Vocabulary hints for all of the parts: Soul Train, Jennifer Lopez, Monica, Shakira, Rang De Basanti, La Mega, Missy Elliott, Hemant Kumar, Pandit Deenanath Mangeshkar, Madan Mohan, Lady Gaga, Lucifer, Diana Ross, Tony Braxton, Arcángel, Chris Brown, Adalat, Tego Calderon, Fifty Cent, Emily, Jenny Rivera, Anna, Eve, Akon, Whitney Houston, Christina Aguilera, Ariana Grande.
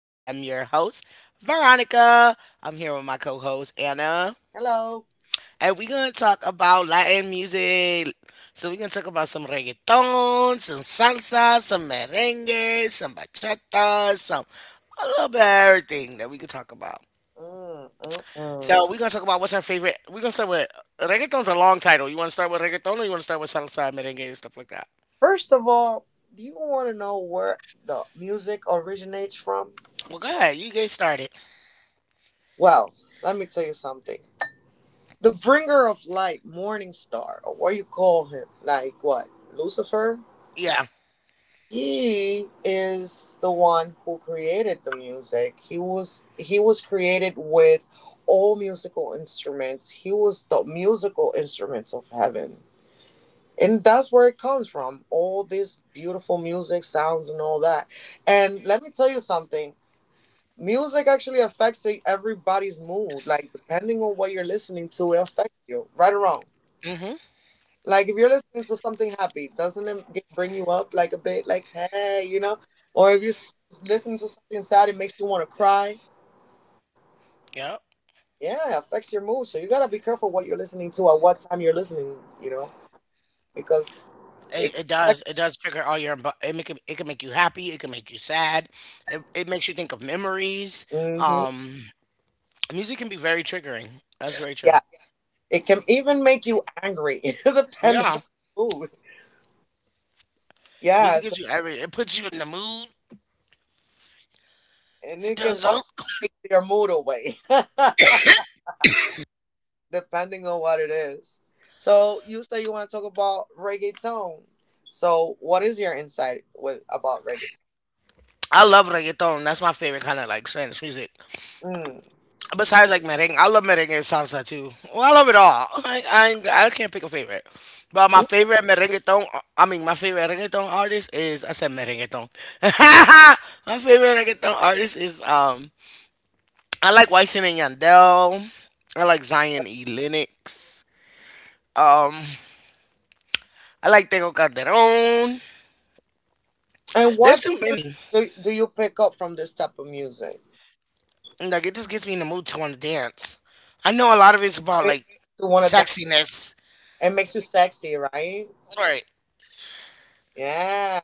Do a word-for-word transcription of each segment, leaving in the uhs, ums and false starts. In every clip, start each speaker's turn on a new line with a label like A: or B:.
A: I am your host, Veronica. I'm here with my co host, Anna,
B: Hello.
A: and we're going to talk about Latin music. So, we're going to talk about some reggaeton, some salsa, some merengue, some bachata, some a little bit of everything that we could talk about.
B: Mm, mm, mm.
A: So, we're going to talk about what's our favorite. We're going to start with reggaeton's a long title. You want to start with reggaeton, or you want to start with salsa, merengue, and stuff like that?
B: First of all, do you want to know where the music originates from?
A: Well, go ahead. You get started.
B: Well, let me tell you something. The bringer of light, Morning Star, or what you call him, like what? Lucifer?
A: Yeah.
B: He is the one who created the music. He was he was created with all musical instruments. He was the musical instruments of heaven, and that's where it comes from, all this beautiful music sounds and all that. And let me tell you something, music actually affects e- everybody's mood, like depending on what you're listening to, it affects you right or wrong.
A: Mm hmm.
B: Like if you're listening to something happy, doesn't it get, bring you up like a bit, like hey, you know? Or if you s- listen to something sad, it makes you want to cry.
A: Yep.
B: Yeah, it affects your mood, so you got to be careful what you're listening to, at what time you're listening, you know, because
A: It,
B: it can
A: it does. It does trigger all your embo- it make it, it can make you happy. It can make you sad. It, it makes you think of memories.
B: affect. Mhm.
A: Um, Music can be very triggering. That's very true.
B: It can even make you angry, depending
A: Yeah,
B: on the mood.
A: music
B: Yes,
A: gives you every. it puts you in the mood.
B: and
A: It
B: it can
A: does.
B: also
A: Oh,
B: take your mood away, depending on what it is. So you say you want to talk about reggaeton. So what is your insight with about reggaeton?
A: I love reggaeton. That's my favorite kind of like Spanish music.
B: Mm.
A: Besides like merengue, I love merengue and salsa too. Well, I love it all. I, I I can't pick a favorite. But my
B: Mm.
A: favorite merengueton, I mean my favorite reggaeton artist is, I said merengueton. My favorite reggaeton artist is, um I like Wyson and Yandel. I like Zion E. Lennox. Um, I like Tego Calderon.
B: And
A: There's
B: what
A: too
B: feelings
A: many.
B: do, do you pick up from this type of music?
A: And, like it just gets me in the mood to want to dance. I know a lot of it's about
B: It-
A: like
B: To want to dance?
A: sexiness.
B: It makes you sexy, right?
A: Right.
B: Yeah.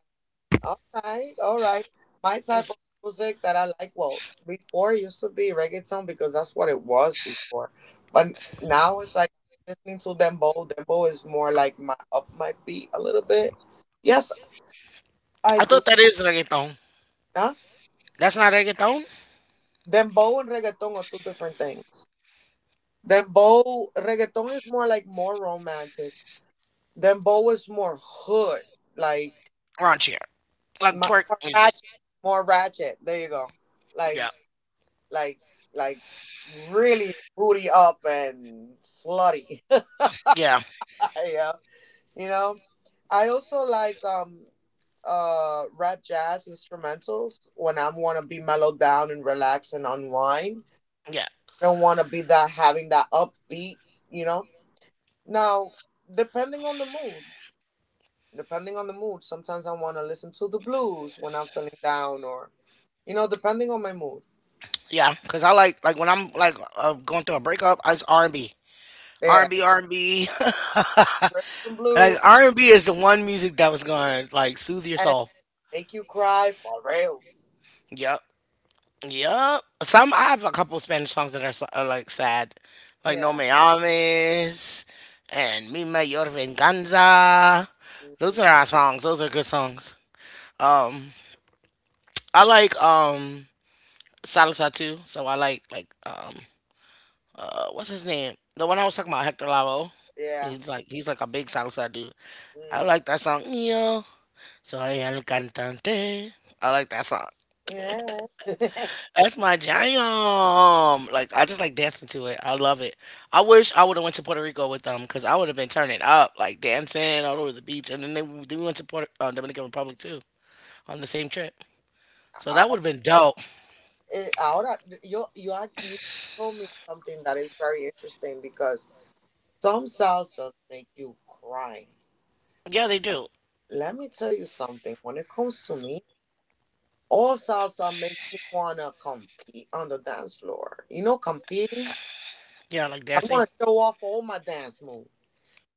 B: All right, all right. My type of music that I like, well, before it used to be reggaeton because that's what it was before. But now it's like listening to dembow. Dembow is more like my up my beat a little bit. Yes, I
A: I
B: do.
A: thought that is reggaeton.
B: Huh?
A: That's not reggaeton.
B: Dembow and reggaeton are two different things. Dembow, reggaeton is more like more romantic. Dembow is more hood, like
A: Raunchier. Like
B: my,
A: twerk
B: more
A: music.
B: ratchet, more ratchet. There you go.
A: Yeah.
B: Like like like really booty up and slutty.
A: Yeah.
B: Yeah, you know. I also like um uh rap jazz instrumentals when I want to be mellowed down and relax and unwind.
A: Yeah.
B: I don't want to be that, having that upbeat, you know. Now, depending on the mood, depending on the mood, sometimes I want to listen to the blues when I'm feeling down, or you know, depending on my mood.
A: Yeah. Cause I like like when I'm like uh, going through a breakup, I it's R and B. R
B: Yeah,
A: and B, R and B.
B: rhythm and
A: Like
B: blues,
A: R and B is the one music that was gonna like soothe your
B: and
A: soul.
B: make you cry for reals.
A: Yep, yep. Some I have a couple Spanish songs that are, so- are like sad, like No
B: Yeah.
A: Me Ames and Mi Mayor Venganza. Those
B: Hmm.
A: are our songs. Those are good songs. Um, I like um salsa too. So I like like um uh what's his name? The one I was talking about, Hector Lavoe.
B: Yeah.
A: He's like he's like a big salsa dude. I
B: Mm.
A: like that song. Yo soy el cantante. I like that song.
B: Yeah.
A: That's my jam. Like I just like dancing to it. I love it. I wish I would have went to Puerto Rico with them because I would have been turning up, like dancing all over the beach. And then they then we went to Puerto uh, Dominican Republic too on the same trip. So that would have
B: Ahora,
A: been dope.
B: eh, ahora, yo, you, had- you told me something that is very interesting, because some salsas make you cry.
A: Yeah, they do.
B: Let me tell you something. When it comes to me, all salsa makes me wanna compete on the dance floor. You know, competing.
A: Yeah, I like
B: I
A: dancing.
B: wanna show off all my dance moves.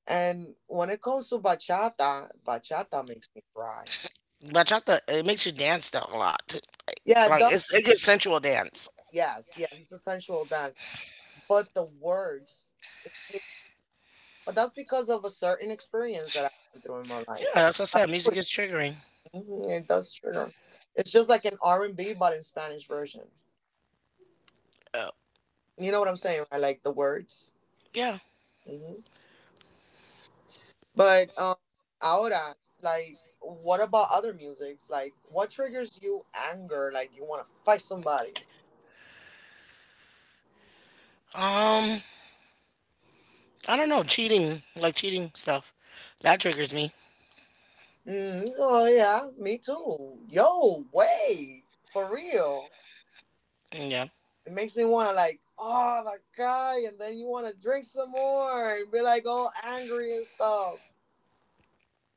B: And when it comes to bachata, bachata makes me cry.
A: Bachata, it makes you dance though, a lot, too.
B: Yeah, it
A: Like
B: does.
A: it's a good sensual dance.
B: Yes, yes, it's a sensual dance, but the words. It, it- but that's because of a certain experience that I went through in my
A: Yeah,
B: life.
A: that's what I
B: I
A: said.
B: feel
A: Music
B: it.
A: is triggering.
B: Mhm, it does trigger. It's just like an R and B, but in Spanish version.
A: Uh,
B: You know what I'm saying, right? Like the words.
A: yeah.
B: Hmm. But um, ahora, like, what about other musics? Like, what triggers you anger? Like, you want to fight somebody?
A: Um, I don't know. Cheating, like cheating stuff, that triggers me.
B: Mm, oh yeah, me too. Yo, way for real.
A: Yeah.
B: It makes me want to like, oh, that guy, and then you want to drink some more and be like all angry and stuff.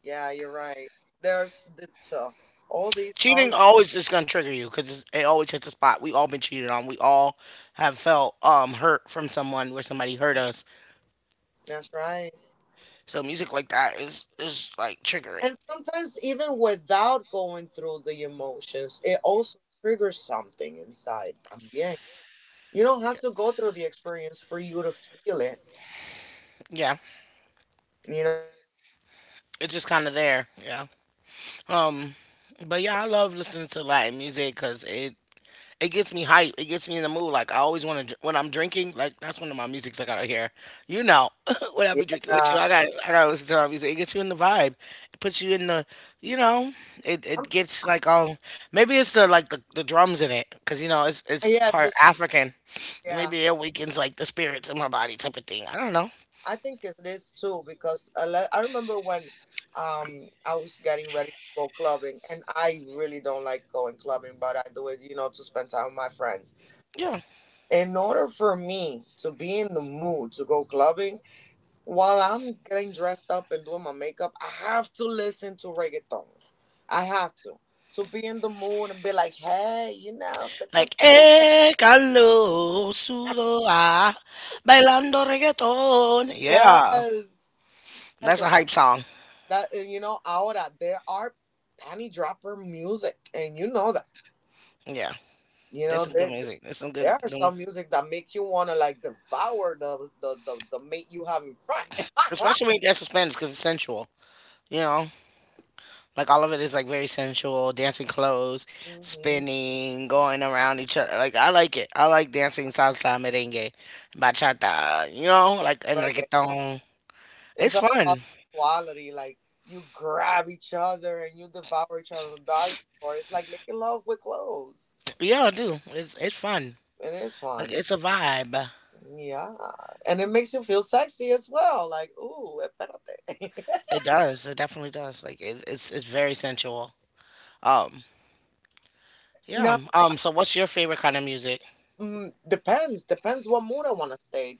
B: Yeah, you're right. There's the, so, all these
A: Cheating
B: songs.
A: always is gonna trigger you because it always hits a spot. We all been cheated on. We all have felt um hurt from someone where somebody hurt us.
B: That's right.
A: So music like that is is like trigger it.
B: And sometimes even without going through the emotions, it also triggers something inside. También. You don't have to go through the experience for you to feel it.
A: Yeah,
B: You know.
A: it's just kind of there. Yeah. Um, but yeah, I love listening to Latin music because it it gets me hype. It gets me in the mood. Like I always want to when I'm drinking. Like that's one of my musics I gotta hear. You know, when I
C: Yeah.
A: be drinking with you, I got I gotta listen to my music. It gets you in the vibe. It puts you in the you know. It
C: Um,
A: it gets like all maybe it's the like the, the drums in it because you know it's it's
C: Yes. the-
A: part African.
C: Yeah.
A: Maybe it awakens like the spirits in my body type of thing. I don't know.
C: I think it is too because I, le- I remember when um I was getting ready to go clubbing and I really don't like going clubbing, but I do it, you know, to spend time with my friends.
A: Yeah.
C: In order for me to be in the mood to go clubbing, while I'm getting dressed up and doing my makeup, I have to listen to reggaeton. I have to to be in the mood and be like, hey, you know,
A: Like, eh, calo, sudo, ah, bailando reggaeton. Yeah.
C: yes.
A: That's
C: Yes,
A: a hype song.
C: that you know, ahora there are panty dropper music, and you know that.
A: Yeah.
C: You
A: There's
C: know
A: some good
C: there
A: music. There's some good,
C: there are
A: um,
C: some music that make you wanna like devour the the the, the mate you have in front.
A: especially when you dance to Spanish because it's sensual. You know, like all of it is like very sensual, dancing clothes,
C: Mm hmm.
A: spinning, going around each other. Like I like it. I like dancing salsa, merengue, bachata. You know, like and
C: Right.
A: reggaeton.
C: It's
A: It's
C: all about
A: fun.
C: quality. Like you grab each other and you devour each other. That or it's like making love with clothes,
A: Yeah, I do. It's it's fun.
C: and it's
A: Like
C: fun.
A: it's a vibe.
C: Yeah, and it makes you feel sexy as well. Like ooh, espérate.
A: It does. It definitely does. Like it's it's it's very sensual. Um, yeah.
C: No,
A: Um, so what's your favorite kind of music?
C: mm, depends. Depends what mood I want to stay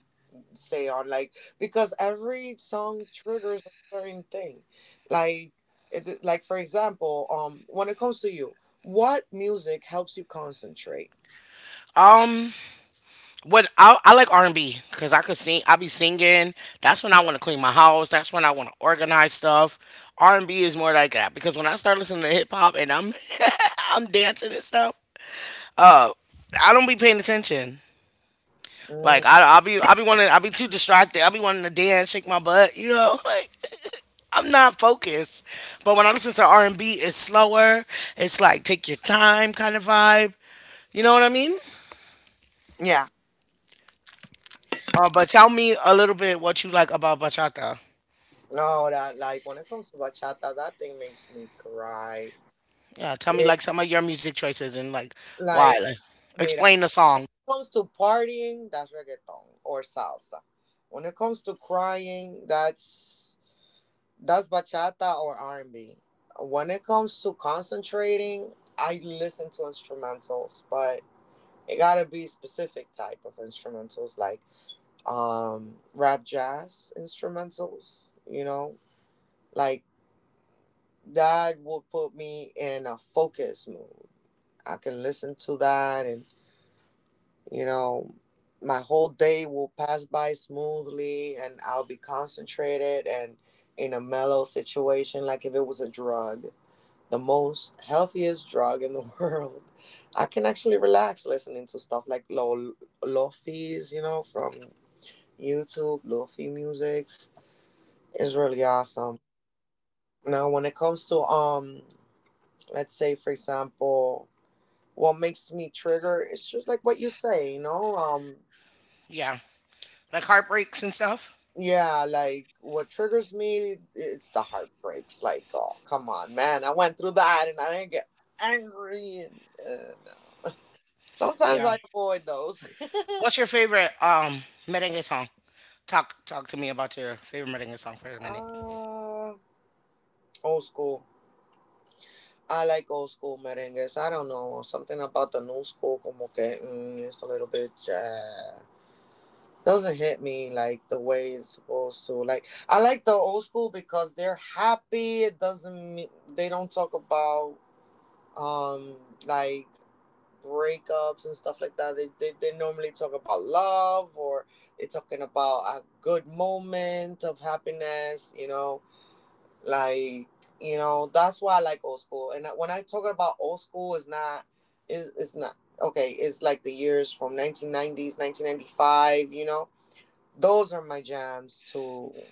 C: stay on. Like because every song triggers a certain thing. Like it, like for example, um, when it comes to you, what music helps you concentrate?
A: Um, What I, I like R and B because I could sing. I be singing. That's when I want to clean my house. That's when I want to organize stuff. R and B is more like that because when I start listening to hip hop and I'm I'm dancing and stuff, uh, I don't be paying attention. Like
C: Mm,
A: I I'll be I'll be wanting I'll be too distracted. I'll be wanting to dance, shake my butt. You know, like I'm not focused. But when I listen to R and B, it's slower. It's like take your time kind of vibe. You know what I mean?
C: yeah.
A: Uh, but tell me a little bit what you like about bachata.
C: No, that like when it comes to bachata, that thing makes me cry.
A: Yeah, tell me
C: It,
A: like some of your music choices and like why.
C: like
A: Like
C: mira,
A: explain the song.
C: when it comes to partying, that's reggaeton or salsa. When it comes to crying, that's that's bachata or R and B. When it comes to concentrating, I listen to instrumentals, but it gotta be specific type of instrumentals, like um, rap jazz instrumentals. You know, like that would put me in a focus mood. I can listen to that, and you know, my whole day will pass by smoothly, and I'll be concentrated and in a mellow situation, like if it was a drug, the most healthiest drug in the world. I can actually relax listening to stuff like lo- Lofi's, you know, from YouTube. Lofi Musics is really awesome. Now, when it comes to, um, let's say, for example, what makes me trigger, it's just like what you say, you know, um,
A: Yeah. Like heartbreaks and stuff.
C: yeah, like what triggers me, it's the heartbreaks. Like, oh, come on, man, I went through that and I didn't get angry and. Uh, Sometimes
A: Yeah.
C: I avoid those.
A: What's your favorite um merengue song? Talk talk to me about your favorite merengue song for a minute.
C: Ah, old school. I like old school merengues. I don't know. Something about the new school, como que, mm, it's a little bit, uh, doesn't hit me like the way it's supposed to. Like, I like the old school because they're happy. It doesn't mean they don't talk about, um, like breakups and stuff like that. They, they, they normally talk about love or they're talking about a good moment of happiness, you know? Like you know, that's why I like old school. And when I talk about old school, is not is is not okay. It's like the years from nineteen nineties, nineteen ninety-five. You know, those are my jams too.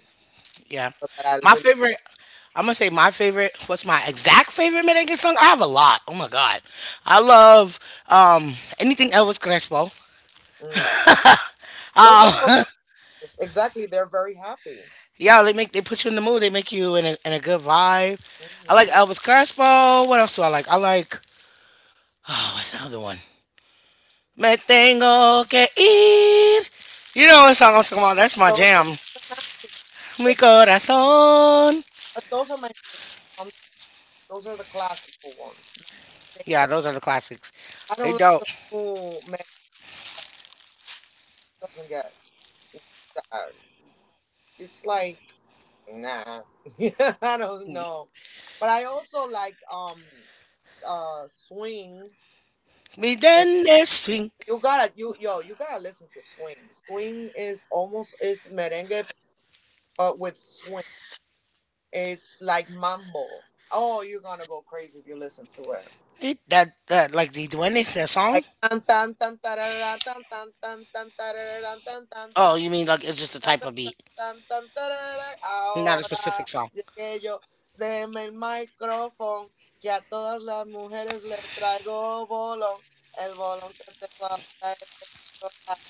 A: Yeah.
C: That I
A: My
C: really
A: favorite, I'm gonna say my favorite, what's my exact favorite merengue song? I have a lot. Oh my god. I love um anything Elvis Crespo.
C: mm. Those are from
A: Um
C: the nineties. Exactly, they're very happy.
A: yeah, they make they put you in the mood, they make you in a in a good vibe. I like
C: Hmm.
A: Elvis Crespo. What else do I like? I like, oh, what's the other one? Me tengo que ir. You know what song I'm talking about? That's my
C: Those
A: jam.
C: are from the nineties. They,
A: Mi corazón.
C: uh, those are my favorite. From those are the classical ones. They,
A: Yeah, those are the classics.
C: I
A: They
C: don't like
A: dope.
C: the new man. It doesn't get. uh, It's like nah, I don't know. But I also like um uh swing.
A: Me
C: And
A: duende swing.
C: you gotta you yo you gotta listen to swing. Swing is almost is merengue but with swing. It's like mambo. Oh, you're gonna go crazy if you listen to it.
A: It- That, that, like the duende, that song?
C: Like tan tan tan tarara, tan tan tan tan tarara, tan tan
A: Oh,
C: tan
A: you mean like it's just a
C: tan,
A: type of
C: tan,
A: beat,
C: tan, tan, tarara.
A: not a
C: Ahora
A: specific song.
C: llegué yo, deme el micrófono, que a todas las mujeres le traigo bolón. El bolón que tengo ahora es de chocolate.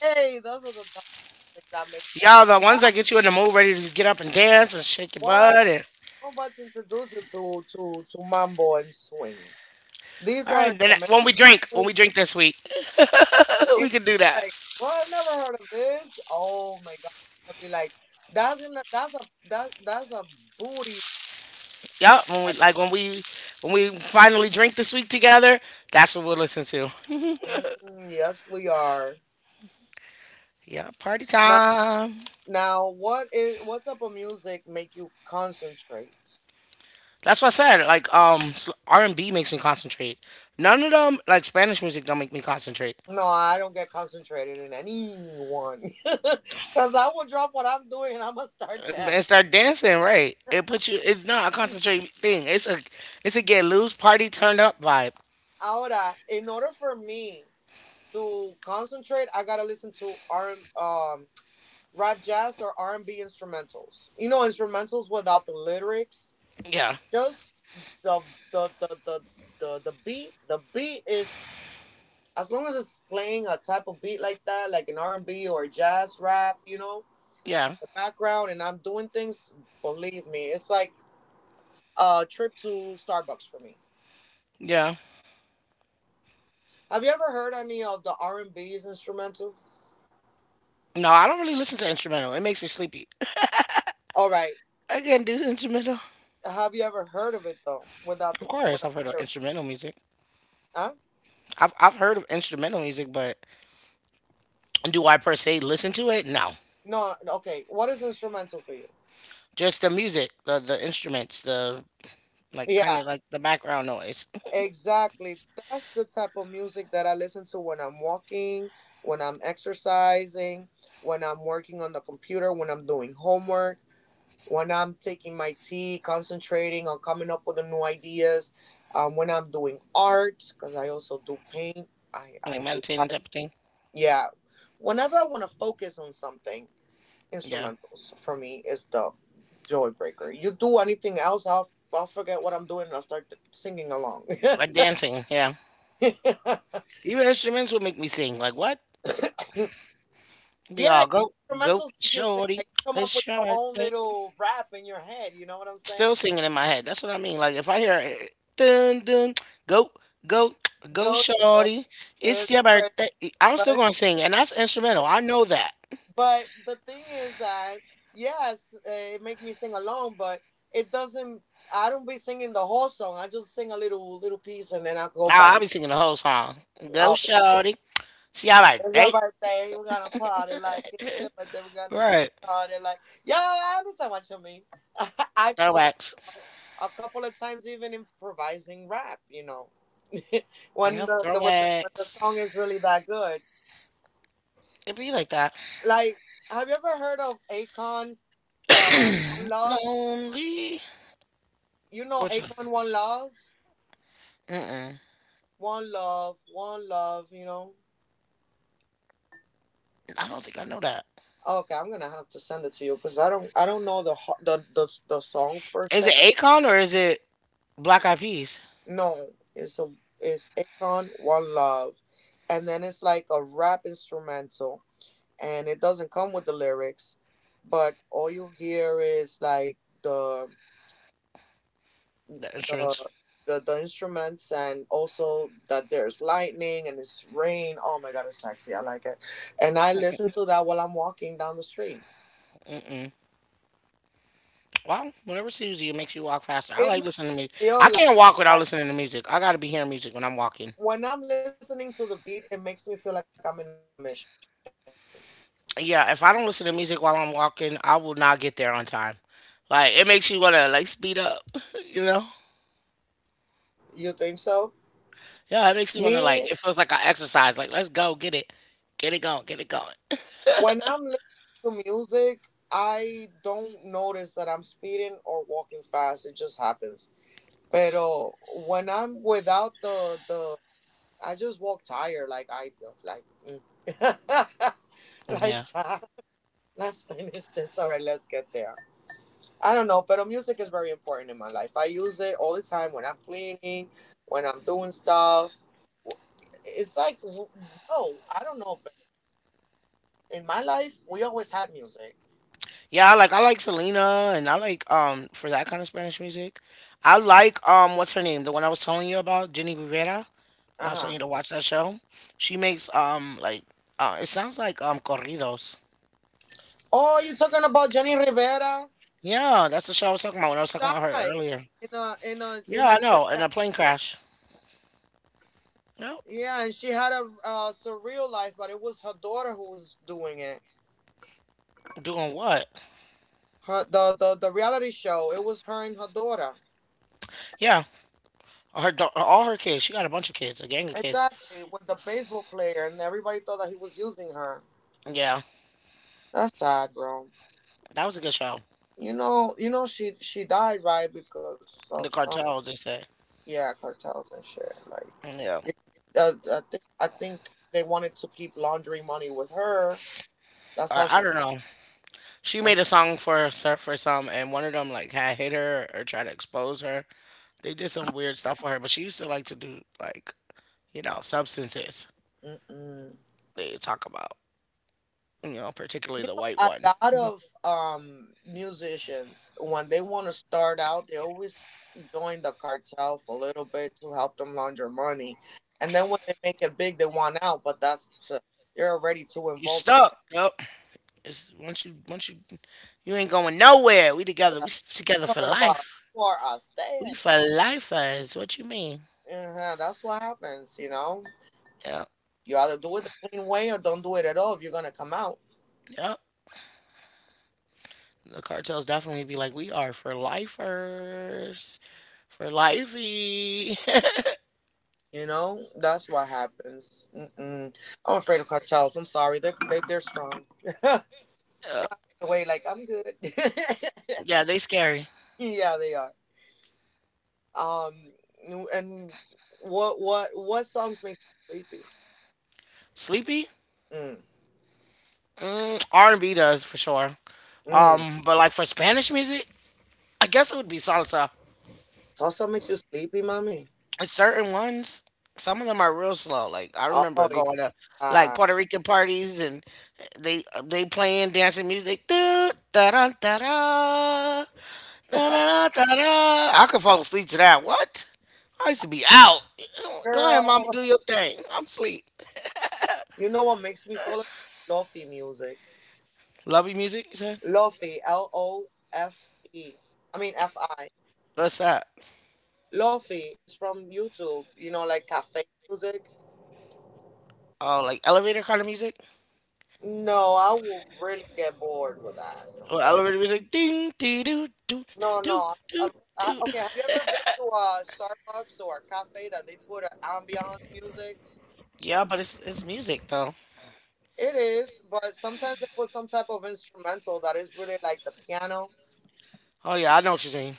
C: Hey, those are the topics that make
A: Yeah, the ones
C: fun.
A: that get you in the mood, ready to get up and dance and shake your
C: What?
A: butt. And,
C: I'm about to introduce you to, to, to Mambo and Swing. These
A: all
C: are
A: right, then
C: Jamaican.
A: when we drink, when we drink this week,
C: You're
A: we can do that.
C: Like, well, I never heard of this. Oh my God. I'll be like, that's gonna, that's a, that, that's a booty
A: Yeah, when we
C: right.
A: like when we when we finally drink this week together, that's what we'll listen to.
C: Mm, yes, we are.
A: Yeah, party
C: Now,
A: time.
C: now, what is what type of music make you concentrate?
A: That's what I said. Like, um, s- R and B makes me concentrate. None of them, like Spanish music, don't make me concentrate.
C: No, I don't get concentrated in anyone, cause I will drop what I'm doing and I'm gonna start
A: And and
C: dancing.
A: start dancing, right? It puts you. It's not a concentrate thing. It's a, it's a get loose party turned up vibe.
C: Ahora, in order for me to concentrate, I gotta listen to R um rap, jazz, or R and B instrumentals. You know, instrumentals without the lyrics,
A: Yeah,
C: just the the the the the, the beat. The beat is as long as it's playing a type of beat like that, like an R and B or jazz rap, you know,
A: yeah,
C: the background, and I'm doing things. Believe me, it's like a trip to Starbucks for me.
A: yeah.
C: Have you ever heard any of the R and B's instrumental?
A: No, I don't really listen to instrumental. It makes me sleepy.
C: All right,
A: I can't do the instrumental.
C: have you ever heard of it though, without the
A: Of course,
C: without
A: I've heard
C: the
A: of
C: lyrics?
A: instrumental music.
C: Huh?
A: I've I've heard of instrumental music, but do I per se listen to it? No.
C: No, okay. What is instrumental for you?
A: Just the music, the the instruments, the like kind
C: Yeah,
A: of like the background noise,
C: exactly. That's the type of music that I listen to when I'm walking, when I'm exercising, when I'm working on the computer, when I'm doing homework, when I'm taking my tea, concentrating on coming up with the new ideas, um, when I'm doing art, because I also do paint. I,
A: like
C: I do
A: meditating
C: art.
A: type of thing.
C: Yeah. Whenever I want to focus on something,
A: Yeah,
C: instrumentals for me is the joy breaker. You do anything else, I'll, I'll forget what I'm doing and I'll start singing along.
A: like dancing. Yeah,
C: Yeah,
A: even instruments would make me sing. Like what? Be all goat, goat,
C: instrumentals make you sing.
A: shorty.
C: Like you come up
A: It's
C: with
A: your
C: your own
A: birthday.
C: little rap in your head. You know what I'm saying?
A: Still singing in my head. That's what I mean. Like if I hear it, dun dun, go go go
C: Gocho
A: shorty.
C: is
A: It's your
C: the
A: birthday. I'm still
C: but
A: gonna sing, and that's instrumental. I know that.
C: but the thing is that yes, eh, it make me sing along, but it doesn't. I don't be singing the whole song. I just sing a little little piece, and then I go
A: I-
C: back.
A: I'll be singing the whole song. Go
C: Okay,
A: shorty. It's your
C: it's your
A: birthday.
C: birthday. We're gonna party like it's your birthday. We're gonna
A: Right.
C: party like. Yeah, I understand what you mean. I
A: Throwbacks.
C: a couple of times even improvising rap, you know, when
A: Yep,
C: the, the, when the when the
A: throwbacks.
C: song is really that good.
A: It be like that.
C: Like, have you ever heard of Akon, uh, One Love?
A: Lonely.
C: You know
A: Which one?
C: Akon, One Love,
A: Mm-mm.
C: One Love, One Love. You know.
A: I don't think I know that.
C: Okay, I'm gonna have to send it to you because I don't I don't know the ho- the the the song per
A: Is
C: se.
A: it Akon or is it Black Eyed Peas?
C: No, it's a it's Akon, One Love, and then it's like a rap instrumental and it doesn't come with the lyrics, but all you hear is like the
A: The insurance.
C: the the, the instruments and also that there's lightning and it's rain. Oh my god, it's sexy. I like it. And I listen to that while I'm walking down the street.
A: Mm-mm. Well, whatever soothes you makes you walk faster. I
C: It
A: like
C: makes
A: listening to
C: me
A: music. I
C: feel like
A: can't walk without
C: like
A: listening to music. I gotta be hearing music when I'm walking.
C: when I'm listening to the beat, it makes me feel like I'm in a mission.
A: Yeah, if I don't listen to music while I'm walking, I will not get there on time. Like it makes you wanna like speed up, you know?
C: You think so?
A: Yeah, it makes you wanna like
C: Me
A: it feels like an exercise. Like let's go, get it, get it going, get it going.
C: when I'm listening to music I don't notice that I'm speeding or walking fast. It just happens. Pero when I'm without the the, I just walk tired. Like I like, mm. Like
A: Yeah.
C: John. Let's finish this. All right, let's get there. I don't know, but music is very important in my life. I use it all the time when I'm cleaning, when I'm doing stuff. It's like, w- yo, I don't know, but in my life, we always had music.
A: Yeah, I like I like Selena and I like um for that kind of Spanish music. I like um what's her name? The one I was telling you about, Jenny Rivera. When I
C: Uh
A: was telling
C: huh.
A: you to watch that show. She makes um like uh it sounds like um corridos.
C: Oh, you talking about Jenny Rivera?
A: Yeah, that's the show I was talking about when I was talking about her
C: Die
A: earlier.
C: in a in a in
A: Yeah,
C: a
A: I
C: jet
A: know. And a plane
C: accident.
A: crash. Yep.
C: Yeah, and she had a uh, surreal life, but it was her daughter who was doing it.
A: Doing what?
C: Her the, the the reality show. It was her and her daughter.
A: Yeah. Her da- all her kids. She got a bunch of kids, a gang of kids.
C: Exactly, with the baseball player, and everybody thought that he was using her.
A: Yeah.
C: That's sad, bro.
A: That was a good show.
C: You know, you know she she died right because of
A: The
C: some
A: cartels, they say.
C: yeah cartels and shit. Like,
A: Yeah.
C: it- uh, I think I think they wanted to keep laundering money with her. That's
A: Or
C: how
A: I
C: she.
A: don't know. She
C: And
A: made a song for ser- for some, and one of them like had hit her or tried to expose her. They did some weird stuff with her, but she used to like to do like you know substances.
C: mm-mm.
A: They talk about you know particularly
C: You
A: the
C: know,
A: white
C: a
A: one.
C: lot of um musicians when they want to start out, they always join the cartel for a little bit to help them launder money, and then when they make it big, they want out. But that's t- you're already too
A: You
C: involved.
A: stuck. Yep. It's once you once you you ain't going nowhere. We together. We
C: Like,
A: s- together
C: you're
A: for
C: talking about
A: life.
C: you are a
A: We
C: stash.
A: for lifers. What you mean?
C: Uh that's what happens. You know,
A: Yep.
C: you either do it the clean way or don't do it at all. If you're gonna come out,
A: Yep. The cartels definitely be like, we are for lifers, for lifey.
C: you know, that's what happens. Mm-mm. I'm afraid of cartels. I'm sorry. They they they're strong.
A: Yep.
C: Away like I'm good.
A: Yeah, they scary.
C: Yeah, they are. Um, and what what what songs makes you sleepy?
A: Sleepy?
C: Mm,
A: Mm, R and B does for sure.
C: mm.
A: Um, but like for Spanish music, I guess it would be salsa.
C: Salsa makes you sleepy, mommy.
A: And certain ones, some of them are real slow. Like I
C: Oh
A: remember going to like
C: yeah,
A: Puerto Rican parties and they they playing dancing music. Da da da da da da da da. I could fall asleep to that. What? I used to be out. Go ahead, mama,
C: girl.
A: do your thing. I'm asleep.
C: You know what makes me fall asleep? Lofi music.
A: Lovey music, you said?
C: Lofi, L O F E. I mean F I.
A: What's that?
C: Lofi is from YouTube. You know, like cafe music.
A: Oh, like elevator kind of music?
C: No, I will really get bored with that.
A: Well,
C: But
A: elevator music, ding, dee, doo, doo,
C: No,
A: doo,
C: no.
A: doo,
C: I'm, I,
A: doo.
C: okay, have you ever been to a Starbucks or a cafe that they put an ambiance music?
A: Yeah, but it's it's music though.
C: It is, but sometimes they put some type of instrumental that is really like the piano.
A: Oh yeah, I know what you mean.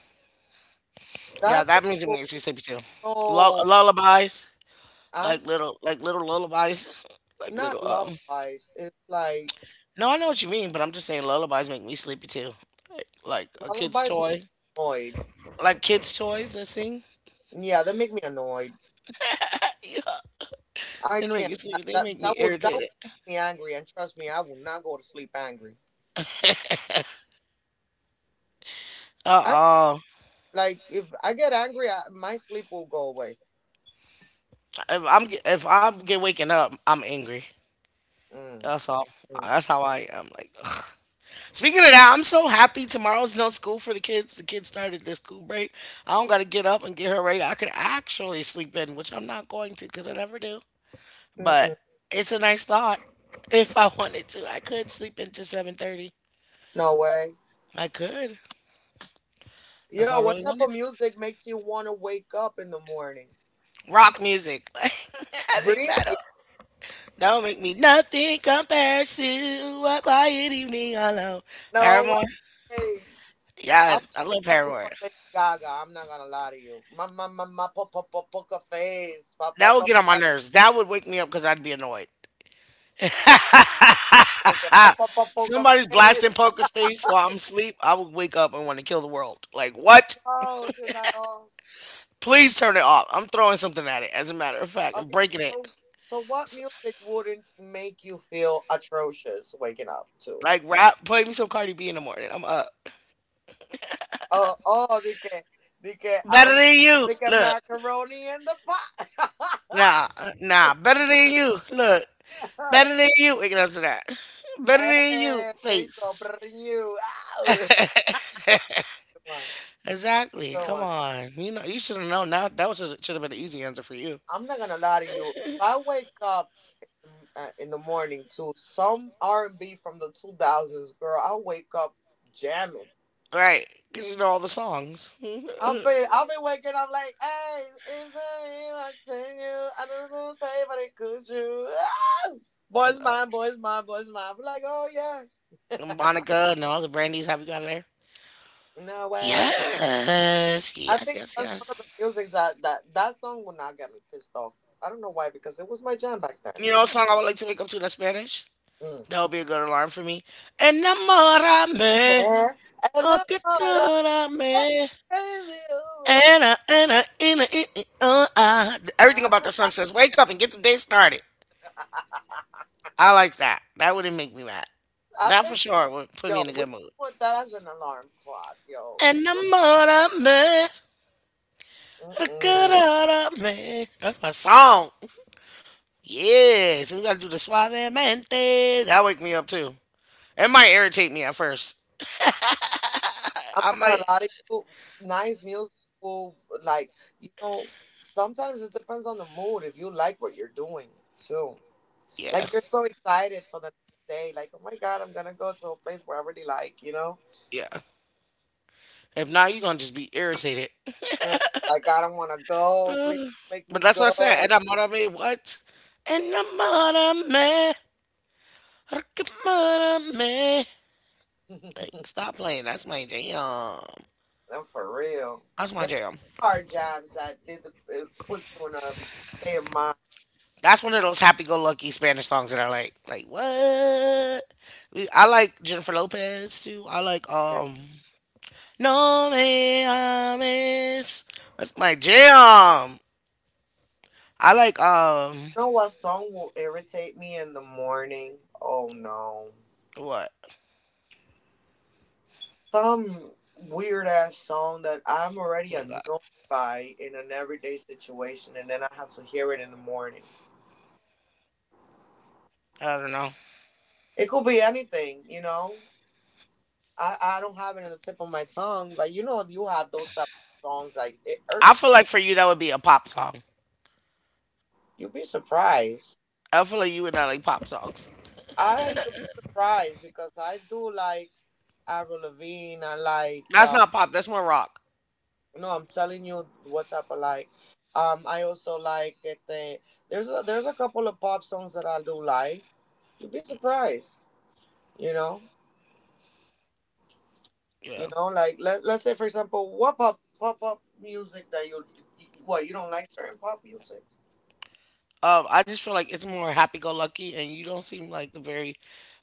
A: Yeah,
C: That thing
A: that music
C: will
A: makes me
C: make
A: sleepy too. Lull-
C: so
A: lullabies,
C: huh?
A: like little, like little lullabies, like
C: Not
A: little. Um,
C: lullabies. It's like
A: no, I know what you mean, but I'm just saying lullabies make me sleepy too. Like, like a kid's
C: lullabies make me
A: toy,
C: annoyed.
A: like kids' toys that sing.
C: Yeah, they make me annoyed. I
A: Yeah, they make me
C: can't.
A: sleepy.
C: I-
A: They make
C: That
A: me
C: that would that would
A: irritated.
C: make me angry, and trust me, I will not go to sleep angry. I don't-
A: Uh-uh.
C: Like if I get angry, I, my sleep will go away.
A: If I'm get- if I'm get waking up, I'm angry.
C: Mm.
A: That's all.
C: Mm.
A: That's how I am. Like. Speaking of that, I'm so happy tomorrow's no school for the kids. The kids started their school break. I don't got to get up and get her ready. I could actually sleep in, which I'm not going to because I never do. But
C: Mm-mm.
A: it's a nice thought. If I wanted to, I could sleep into seven thirty.
C: No way.
A: I could if I
C: Yo, what
A: really
C: type of
A: wanted to.
C: music makes you want to wake up in the morning?
A: Rock music, heavy
C: Really?
A: metal. Don't make me nothing compares to a quiet evening alone.
C: No
A: Paramore.
C: way. I would
A: Yes, I
C: wake
A: love
C: up to
A: Paramore.
C: some Lady Gaga. I'm not gonna lie to you. My my my my po- po- po- poker face. Pa- pa-
A: That would
C: pa-
A: get on my nerves. That would wake me up because I'd be annoyed.
C: poker po- po- po- poker
A: Somebody's
C: face.
A: blasting poker face while I'm asleep. I would wake up and want to kill the world. Like, what?
C: No, turn that off.
A: Please turn it off. I'm throwing something at it, as a matter of fact. I'm
C: Okay,
A: breaking it.
C: so so what music wouldn't make you feel atrocious waking up to?
A: Like, rap, play me some Cardi B in the morning. I'm up.
C: Oh oh, they can they can
A: Better
C: um
A: than you.
C: they can
A: Look.
C: macaroni in the pot.
A: Nah. Nah. Better than you. Look. Better than you. Waking up to that. Better
C: And
A: than you.
C: there you go.
A: Face.
C: Brr, you ow. Good one.
A: Exactly.
C: Good
A: Come
C: one.
A: on. You know, you should have known. Now that was should have been an easy answer for you.
C: I'm not gonna lie to you. If I wake up in, uh, in the morning to some R and B from the two thousands, girl, I wake up jamming.
A: Right, because you know all the songs.
C: I'll be I'll be waking up like, hey, it's me watching you. I don't know say, but it could you. Ah! Boys
A: Uh,
C: mine, boys mine, boys mine. I'm like, oh yeah,
A: Monica and all the Brandy's. Have you gone there?
C: no way.
A: Yes,
C: I
A: yes,
C: think
A: yes,
C: that's one
A: yes.
C: of the music that that that song will not get me pissed off. I don't know why, because it was my jam back then.
A: You know a song I would like to wake up to that's Spanish?
C: Mm.
A: That would be a good alarm for me. Enamorame,
C: Man, and
A: oh
C: I
A: que te
C: thought I had
A: adorame.
C: crazy. Ooh.
A: Ana, ana, ina, I- I- uh, ah. Everything about that
C: I
A: song says, wake up and get the day started. I like that. That wouldn't make me mad. That
C: think,
A: for sure would put me
C: yo,
A: in a
C: we
A: good
C: should
A: mood.
C: put that as an alarm clock, yo.
A: Enamorame.
C: Mm-mm.
A: Man, that's my song. Yes, and we gotta do the suavemente. That wake me up too. It might irritate me at first.
C: I'm
A: I
C: not
A: might,
C: gonna lie to you. Nice music will, like you know. Sometimes it depends on the mood. If you like what you're doing too,
A: yeah,
C: like you're so excited for the day, like oh my god, I'm gonna go to a place where I really like, you know.
A: yeah. If not, you're gonna just be irritated.
C: Mm, like I don't want to go. Please
A: Mm.
C: make me
A: But that's what I said.
C: go.
A: And I'm me what? And I'm me. Like,
C: I'm
A: stop playing. That's my jam.
C: for real.
A: That's my
C: There
A: jam.
C: are jobs that did the it puts you in a state of mind.
A: That's one of those happy-go-lucky Spanish songs that I like. Like what? We, I like Jennifer Lopez too. I like
C: You
A: um No Me Ames. That's my jam. I like um
C: know what song will irritate me in the morning? Oh no,
A: what?
C: some weird ass song that I'm
A: Oh
C: already
A: my God.
C: annoyed by in an everyday situation, and then I have to hear it in the morning.
A: I don't know.
C: It could be anything, you know. I I don't have it in the tip of my tongue, but you know you have those type of songs like it
A: I
C: irks.
A: feel like for you that would be a pop song.
C: You'll be surprised.
A: I feel like you would not like pop songs.
C: I You'll be surprised because I do like Avril Lavigne. I like
A: That's
C: uh,
A: not pop. That's more rock.
C: no, I'm telling you what type of like. Um, I also like it. The, there's a, there's a couple of pop songs that I do like. You'll be surprised. You know, you
A: Yeah.
C: know, like let let's say for example, what pop pop pop music that you what you don't like certain pop music.
A: Um, I just feel like it's more happy-go-lucky, and you don't seem like the very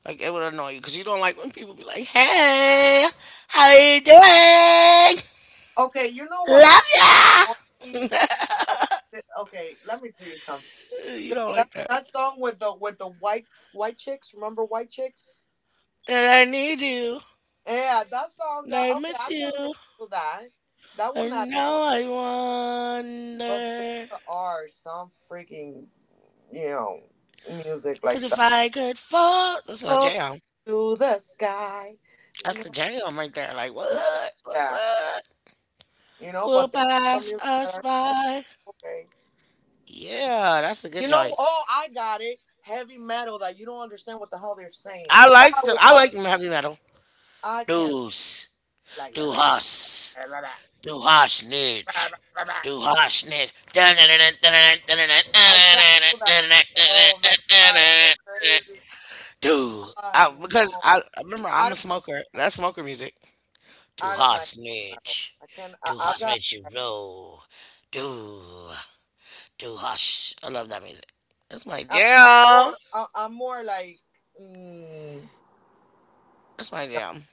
A: like it would annoy you because you don't like when people be like, "Hey, how you doing?
C: Okay, you know what's
A: Love ya."
C: Oh, th- okay, let me tell you something.
A: You
C: Li-
A: don't
C: That
A: like that.
C: that song with the with the white white chicks, remember white chicks?
A: And I need you,
C: Yeah, that song
A: and
C: that
A: I
C: okay,
A: miss
C: I can
A: you,
C: listen to that. That will not
A: and
C: annoy
A: now
C: me.
A: I
C: But
A: wonder.
C: there are some freaking, you know music
A: Cause
C: like
A: if
C: that.
A: I could fall, that's not
C: Up
A: jam.
C: to the sky.
A: That's the jam right there. Like what?
C: Yeah,
A: What?
C: yeah.
A: What?
C: You know,
A: Will
C: but there are some
A: pass
C: music that
A: us
C: are
A: by.
C: okay.
A: Yeah, that's a
C: You
A: good
C: know,
A: joint.
C: oh, I got it. Heavy metal that you don't understand what the hell they're saying.
A: I
C: That
A: like the I like
C: was,
A: heavy metal.
C: I I can.
A: Doos,
C: Like,
A: do
C: I
A: hush, do hush nit, do hush nit.
C: can't do that. Oh my God, I'll go crazy.
A: Do I,
C: I
A: because
C: know.
A: I I remember
C: I
A: I'm a
C: don't like.
A: smoker. That's smoker music. Do
C: I don't like
A: hush
C: it at all.
A: nit,
C: I can't. I,
A: do
C: I
A: hush
C: got.
A: makes you roll. Do do hush. I love that music. That's my
C: I'm, I'm
A: jam.
C: more. I, I'm more like. Mm,
A: That's my
C: no.
A: jam.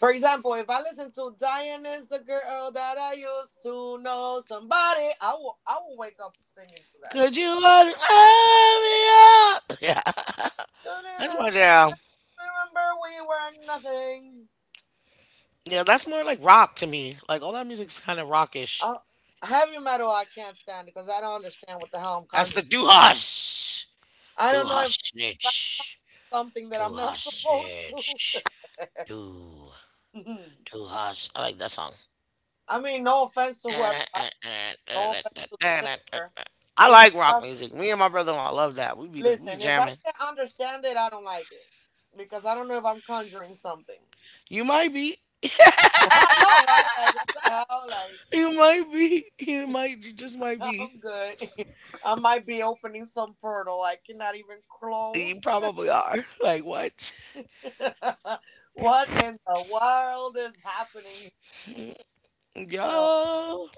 C: For example, if I listen to Diane is the girl that I used to know, somebody, I will. I will wake up singing to that.
A: Could you love me up? Yeah.
C: Don't
A: That's my
C: remember
A: jam.
C: we were nothing.
A: Yeah, that's more like rock to me. Like all that music's kind of rockish.
C: Uh, Heavy metal, I can't stand it because I don't understand what the hell I'm
A: That's the
C: conjuring.
A: do hush,
C: I
A: do
C: don't know if,
A: hush
C: if I'm
A: snitch,
C: something that
A: do
C: I'm not
A: hush
C: supposed to.
A: snitch, do do hush. I like that song.
C: I mean, no offense to whoever likes, no offense to the singer.
A: I
C: It's
A: like rock
C: just
A: music. Me and my brother-in-law love that. We be we
C: listen. If I
A: jamming.
C: can't understand it, I don't like it because I don't know if I'm conjuring something.
A: You might be,
C: I know, right? Like what the hell? Like
A: you might be, you might, you just might be.
C: I'm good. I might be opening some portal I cannot even
A: You
C: close.
A: probably are. Like what,
C: What in the world is happening? No.
A: yo?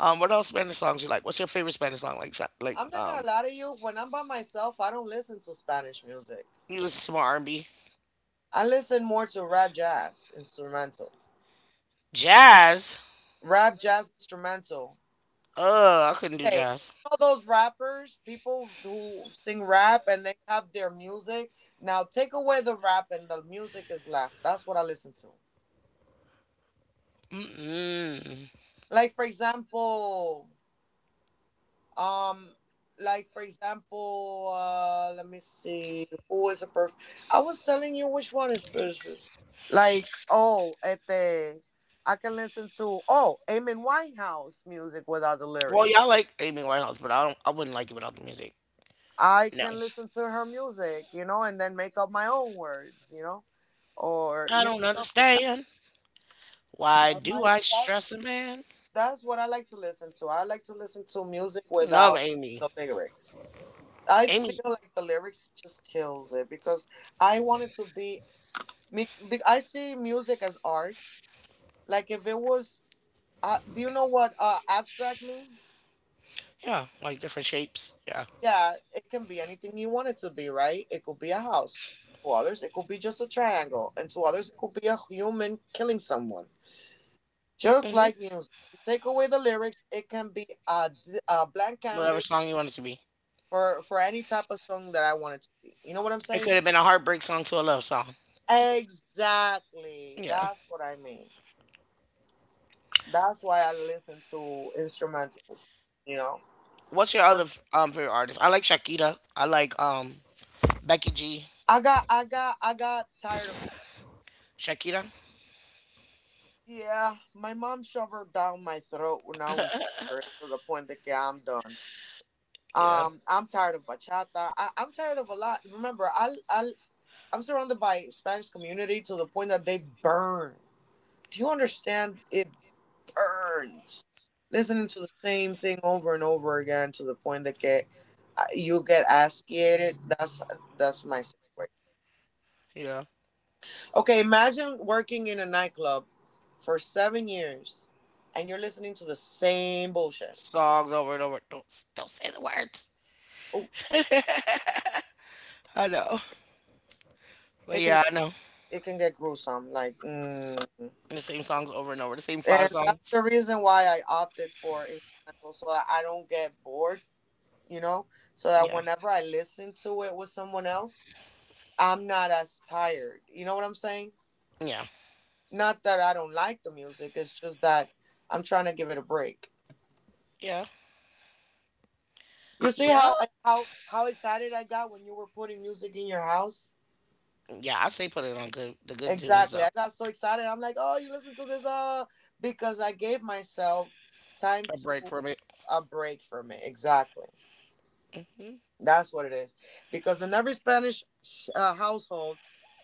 A: Um, what else Spanish songs you like? What's your favorite Spanish song? Like, sa- like,
C: I'm not gonna
A: um,
C: lie to you. When I'm by myself, I don't listen to Spanish music.
A: you listen to more R and B,
C: I listen more to rap, jazz, instrumental.
A: jazz.
C: Rap, jazz, instrumental.
A: Ugh, I couldn't do
C: Hey,
A: jazz.
C: you know those rappers, people who sing rap and they have their music. Now take away the rap and the music is left. That's what I listen to.
A: Mm-mm.
C: Like for example, Um, like for example, uh, let me see, who is a perf? I was telling you which one is versus. Like, oh, este, I can listen to oh, Amy Winehouse music without the
A: Well,
C: lyrics.
A: y'all like Amy Winehouse, but I don't. I wouldn't like it without the music.
C: I
A: No,
C: can listen to her music, you know, and then make up my own words, you know, or
A: I
C: you know
A: don't
C: stuff like that.
A: understand. Why
C: But
A: do
C: my
A: I
C: that's
A: stress a man?
C: that's what I like to listen to. I like to listen to music
A: Love
C: without
A: Amy.
C: the lyrics. I
A: Amy's
C: feel like the lyrics just kills it because I want it to be. me- be- I see music as art. Like if it was, uh, do you know what uh, abstract means?
A: yeah, like different shapes. Yeah.
C: Yeah, it can be anything you want it to be, right? It could be a house. To others, it could be just a triangle, and to others, it could be a human killing someone. Just
A: Hmm.
C: like music, you take away the lyrics, it can be a, d- a blank
A: Whatever
C: canvas
A: song you want it to be.
C: for for any type of song that I want it to be. You know what I'm
A: It could
C: saying?
A: have been a heartbreak song to a love song.
C: Exactly.
A: Yeah.
C: That's what I mean. That's why I listen to instrumentals, you know.
A: What's your other
C: Or-
A: um favorite artist? I like Shakira. I like um Becky G.
C: I got I got I got tired of
A: Shakira.
C: yeah, my mom shoved her down my throat when I was younger to the point that yeah, I'm done.
A: Yeah.
C: Um I'm tired of bachata. I, I'm tired of a lot. Remember, I I I'm surrounded by Spanish community to the point that they burn. Do you understand? It burns listening to the same thing over and over again to the point that you get asciated. That's that's my situation.
A: Yeah.
C: Okay, imagine working in a nightclub for seven years, and you're listening to the same bullshit.
A: Songs over and over. Don't don't say the words.
C: Oh,
A: I know. But
C: it can
A: yeah, I know.
C: it can get gruesome. Like, mm. And
A: The same songs over and over. The same five
C: that's
A: songs.
C: the reason why I opted for instrumental, so that I don't get bored. You know, so that
A: Yeah.
C: whenever I listen to it with someone else, I'm not as tired. You know what I'm saying?
A: Yeah.
C: Not that I don't like the music. It's just that I'm trying to give it a break.
A: Yeah.
C: You see
A: Yeah.
C: how how how excited I got when you were putting music in your house?
A: Yeah. I say put it on good the good tunes
C: Exactly. I
A: out.
C: got so excited. I'm like, "Oh, you listen to this uh because I gave myself time
A: A break
C: to
A: from it.
C: a break from it." Exactly.
A: Hmm.
C: That's what it is. Because in every Spanish uh, household,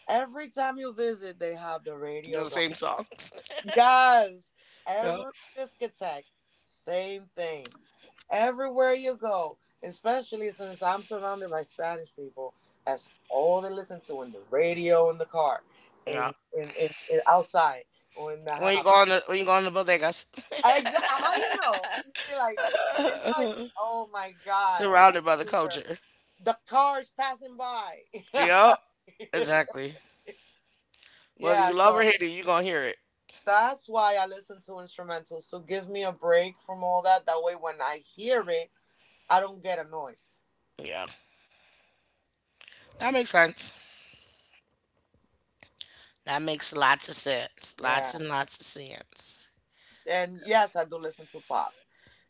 C: every time you visit, they have the
A: Just
C: radio.
A: the same songs.
C: Yes,
A: Yeah.
C: every discotheque, same thing. Everywhere you go, especially since I'm surrounded by Spanish people, that's all they listen to in the radio, in the car,
A: Yeah.
C: in in, in, in outside, or in the
A: When you
C: house.
A: go on the when you go on the bodegas.
C: Exactly. How you know? You see, like it's like, oh my god,
A: Surrounded by the
C: everywhere.
A: culture.
C: The cars passing by.
A: Yep. Exactly. Whether
C: Yeah.
A: you love
C: So.
A: or hate it, you're gonna hear it.
C: That's why I listen to instrumentals to give me a break from all that. That way, when I hear it, I don't get annoyed.
A: Yeah. That makes sense. That makes lots of sense. Lots
C: Yeah.
A: and lots of sense.
C: And yes, I do listen to pop.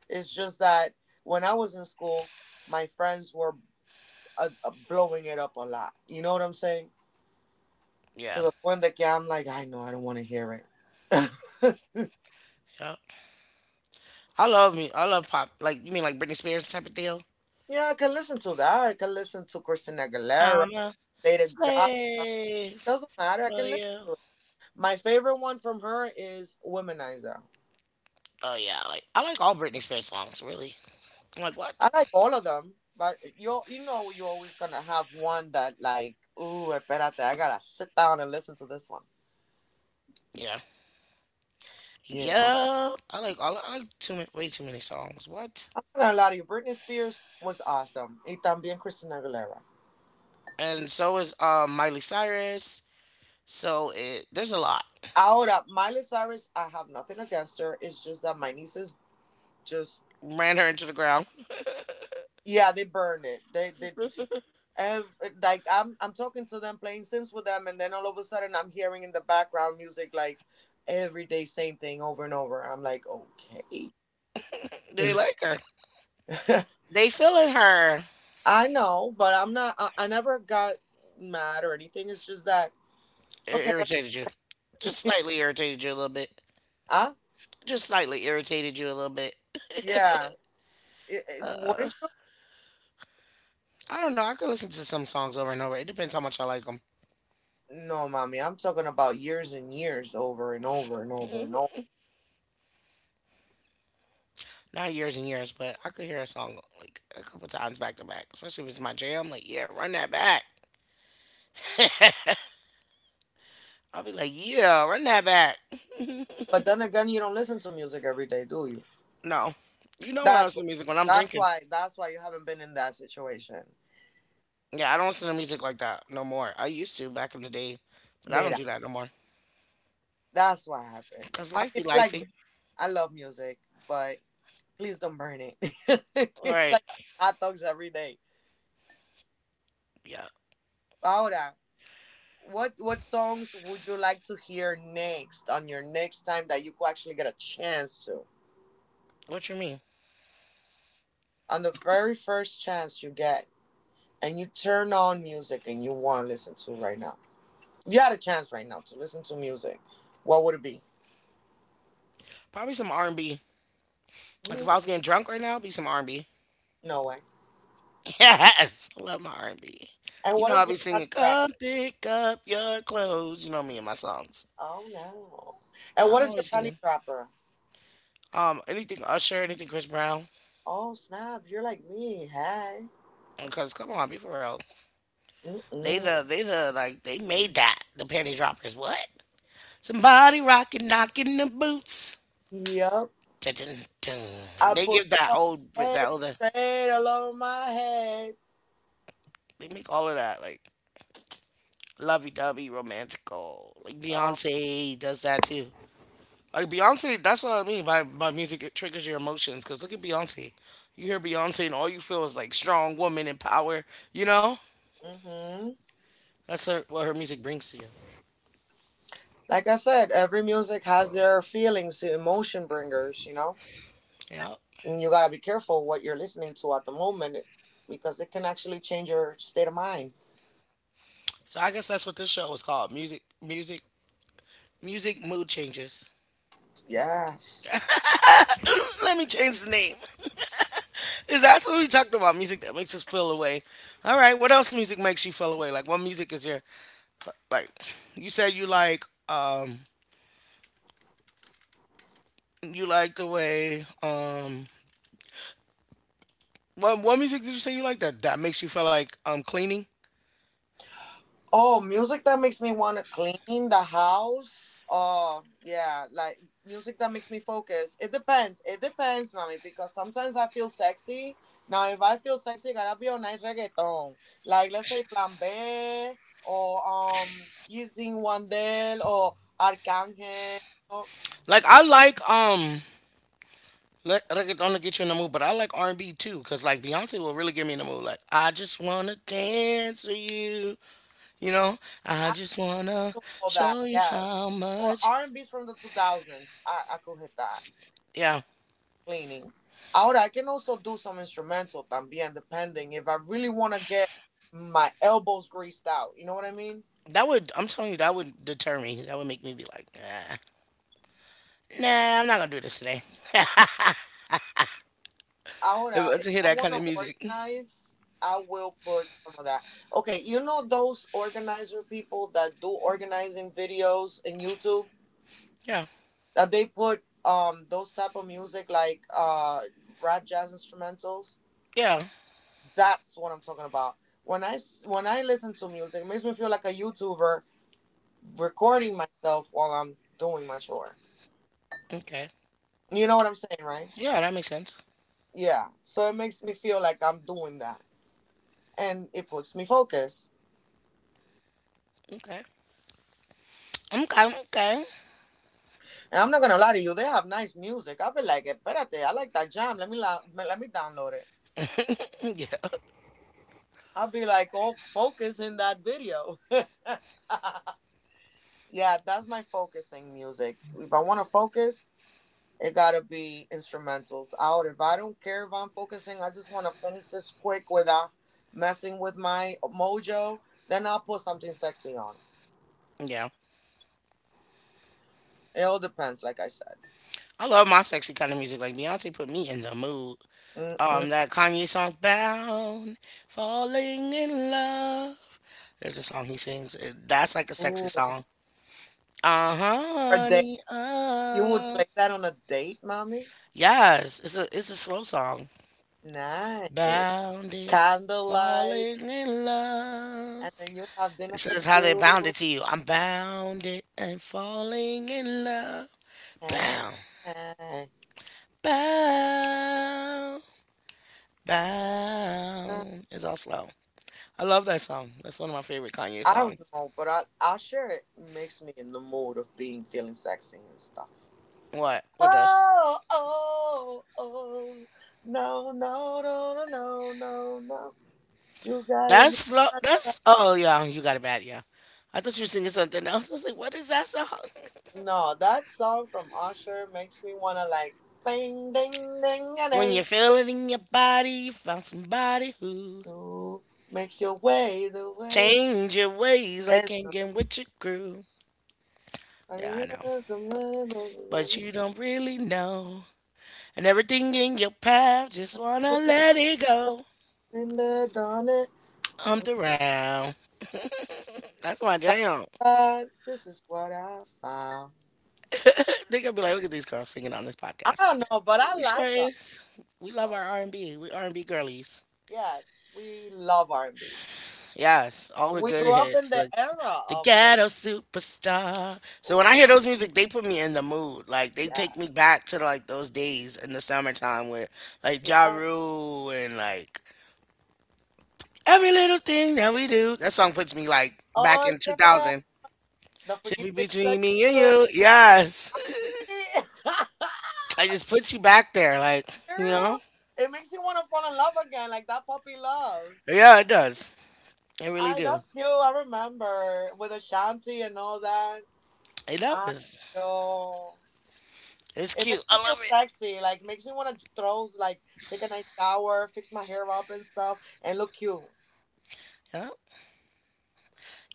C: It's just that when I was in school, my friends were uh, uh, blowing it up a lot. You know what I'm saying? To
A: Yeah,
C: the point that yeah, I'm like, I know, I don't want to hear it.
A: yeah. I love me. I love pop. Like you mean like Britney Spears type of deal?
C: Yeah, I can listen to that. I can listen to Christina Aguilera,
A: I'm a
C: Lady Gaga.
A: slave
C: Doesn't matter. I can
A: for
C: listen
A: you.
C: to it. My favorite one from her is Womanizer.
A: Oh yeah, like I like all Britney Spears songs. Really, I'm like what?
C: I like all of them, but you you know you're always gonna have one that like, ooh, espérate, I gotta sit down and listen to this one.
A: Yeah,
C: You know,
A: yeah. I like I like, I like too many, way too many songs. What?
C: I'm not gonna lie to you. Britney Spears was awesome. Y también Christina Aguilera.
A: And so is um Miley Cyrus. So it There's a lot.
C: Ahora, Miley Cyrus, I have nothing against her. It's just that my nieces just,
A: Ran her into the ground.
C: yeah, they burn it. They they ev- like I'm I'm talking to them, playing Sims with them, and then all of a sudden I'm hearing in the background music like every day same thing over and over. And I'm like, okay.
A: They like her. They feeling her.
C: I know, but I'm not. I, I never got mad or anything. It's just that.
A: It
C: Okay.
A: irritated you. Just slightly irritated you a little bit.
C: Ah.
A: Just slightly irritated you a little bit.
C: Yeah. It, it,
A: Uh-uh.
C: wouldn't you?
A: I don't know. I could listen to some songs over and over. It depends how much I like them.
C: No, mommy. I'm talking about years and years, over and over and over and
A: Mhm.
C: over.
A: Not years and years, but I could hear a song like a couple times back to back, especially if it's my jam. Like, yeah, run that back. I'll be like, yeah, run that back.
C: But then again, you don't listen to music every day, do you?
A: No, you know when I
C: That's why.
A: listen to music when I'm
C: That's
A: drinking.
C: why. That's why you haven't been in that situation,
A: Yeah, I don't listen to music like that no more. I used to back in the day, but I don't
C: Mira.
A: do that no more.
C: That's what happened.
A: Cause
C: I
A: life
C: mean,
A: be
C: I like.
A: lifey.
C: Music. I love music, but please don't burn it. It's
A: Right.
C: like hot dogs every day.
A: Yeah.
C: Ahora, what what songs would you like to hear next on your next time that you could actually get a chance to,
A: What you mean?
C: on the very first chance you get and you turn on music and you want to listen to right now, if you had a chance right now to listen to music, what would it be?
A: Probably some R and B. Like
C: Mm,
A: if I was getting drunk right now, it'd be some R and B.
C: no way.
A: Yes, I love my R and B.
C: And
A: You know,
C: what
A: I
C: is
A: be
C: your panty
A: singing,
C: dropper?
A: come pick up your clothes. You know me and my songs.
C: Oh no. And what
A: I'm
C: is your
A: always
C: panty
A: singing.
C: dropper?
A: Um, anything Usher, anything Chris Brown.
C: Oh snap, you're like me. Hi.
A: Because come on, be for real. They
C: Mm-mm.
A: the, they the, like, they made that. The panty droppers. What? Somebody rocking, knocking the boots.
C: Yep.
A: Dun, dun, dun.
C: I
A: They
C: put
A: give that
C: your
A: old,
C: legs
A: that older,
C: straight all over my head.
A: they make all of that, like, lovey-dovey, romantical. Like,
C: Oh.
A: Beyonce does that too. Like Beyonce, that's what I mean by by music. It triggers your emotions because look at Beyonce. You hear Beyonce and all you feel is like strong woman and power. You know,
C: Hmm.
A: that's her, what her music brings to you.
C: Like I said, every music has their feelings, the emotion bringers, you know?
A: Yeah.
C: And you gotta be careful what you're listening to at the moment because it can actually change your state of mind.
A: So I guess that's what this show is called. Music, music, music. Mood changes.
C: Yes.
A: Let me change the name. Is that what we talked about? Music that makes us feel away. All right. What else music makes you feel away? Like what music is your like? You said you like um you like the way um What what music did you say you like that that makes you feel like um cleaning?
C: Oh, music that makes me want to clean the house. Oh, yeah, like music that makes me focus. It depends. It depends, mommy, because sometimes I feel sexy. Now, if I feel sexy, gotta be on nice reggaeton. Like, let's say Plan B or um, using Wandel or Arcángel. Oh,
A: Like I like um let reggaeton to get you in the mood, but I like R and B too, cause like Beyonce will really get me in the mood. Like I just wanna dance with you, you know. I
C: I
A: just wanna
C: do all that,
A: show you how
C: yes. Or
A: much.
C: R and B's from the two thousands. I, I could hit that.
A: Yeah,
C: Cleaning. Ahora, I can also do some instrumental también, depending if I really want to get my elbows greased out. You know what I mean?
A: that would. I'm telling you, that would deter me. That would make me be like, nah, nah, I'm not gonna do this today. If
C: Ahora,
A: I
C: if
A: to hear
C: I
A: that
C: want
A: kind
C: to
A: of music,
C: organize, I will put some of that. Okay, you know those organizer people that do organizing videos in YouTube
A: yeah,
C: that they put um those type of music like uh rap jazz instrumentals.
A: yeah,
C: That's what I'm talking about. When I s- when I listen to music, it makes me feel like a YouTuber recording myself while I'm doing my chore.
A: okay,
C: You know what I'm saying, right?
A: yeah, that makes sense.
C: Yeah. So it makes me feel like I'm doing that. And it puts me focus.
A: Okay, okay, okay,
C: And I'm not gonna lie to you, they have nice music. I'll be like, espérate, I like that jam. Let me la- let me download it.
A: yeah,
C: I'll be like, oh, focus in that video. Yeah, that's my focusing music. If I want to focus, it gotta be instrumentals out. If I don't care if I'm focusing, I just want to finish this quick without messing with my mojo. Then I'll put something sexy on.
A: yeah.
C: It all depends, like I said.
A: I love my sexy kind of music. Like Beyonce put me in the mood.
C: Mm-mm.
A: Um, that Kanye song "Bound," "Falling in Love." There's a song he sings. Uh, That's like a sexy
C: Ooh.
A: song. Uh huh,
C: A date?
A: honey.
C: You would
A: Uh.
C: play that on a date, mommy?
A: Yes, it's a it's a slow song.
C: Nice.
A: Bounded,
C: Candlelight,
A: falling in love.
C: and then you have
A: It
C: dinner for
A: says how they
C: two.
A: bound it to you. I'm bounded and falling in love.
C: Hey,
A: Bound,
C: hey.
A: bound,
C: Uh,
A: bound. It's all slow. I love that song. That's one of my favorite Kanye
C: I don't
A: songs.
C: know, but I, Usher, it makes me in the mood of being feeling sexy and stuff.
A: What? What does?
C: Oh, oh, oh. No, no, no, no, no, no, no. You got it. You...
A: That's lo- that's. Oh yeah, you got it bad. Yeah, I thought you were singing something else. I was like, what is that song?
C: No, that song from Usher makes me want to like, bang, ding, ding, a
A: When
C: ding.
A: you feel it in your body, you found somebody who
C: Who makes your way the way.
A: change your ways like
C: It's
A: hanging with your crew. Yeah,
C: in
A: I know, but you don't really know, and everything in your path just wanna let it go.
C: the dawn. it-
A: Humped around. That's my jam.
C: Uh, this is what I found.
A: Think gonna be like, look at these girls singing on this
C: I
A: podcast.
C: don't know, but I
A: We sure
C: like us.
A: is. We love our
C: So
A: R and B. We R and B girlies.
C: yes, we love R and B.
A: Yes, all the
C: We
A: good
C: grew up
A: hits.
C: in the
A: The
C: era
A: the
C: of the,
A: ghetto superstar. So when I
C: oh,
A: hear those music, they put me in the mood. Like they take
C: yeah.
A: me back to like those days in the summertime with like Ja
C: Yeah.
A: Rule and like every little thing that we do. That song puts me like back
C: Oh,
A: in two
C: yeah.
A: thousand.
C: The
A: Should be
C: freaking things that
A: between me
C: you
A: and
C: do.
A: you. Yes. I just puts you back there, like, you know?
C: Girl, it makes you want to fall in love again, like that puppy love.
A: Yeah, it does. It really
C: I
A: do.
C: that's cute. I remember with Ashanti and all that.
A: It
C: I
A: does.
C: know.
A: It's
C: It
A: cute.
C: makes
A: I
C: me feel
A: love it.
C: sexy. Like makes me want to throw like take a nice shower, fix my hair up and stuff, and look cute.
A: Yeah.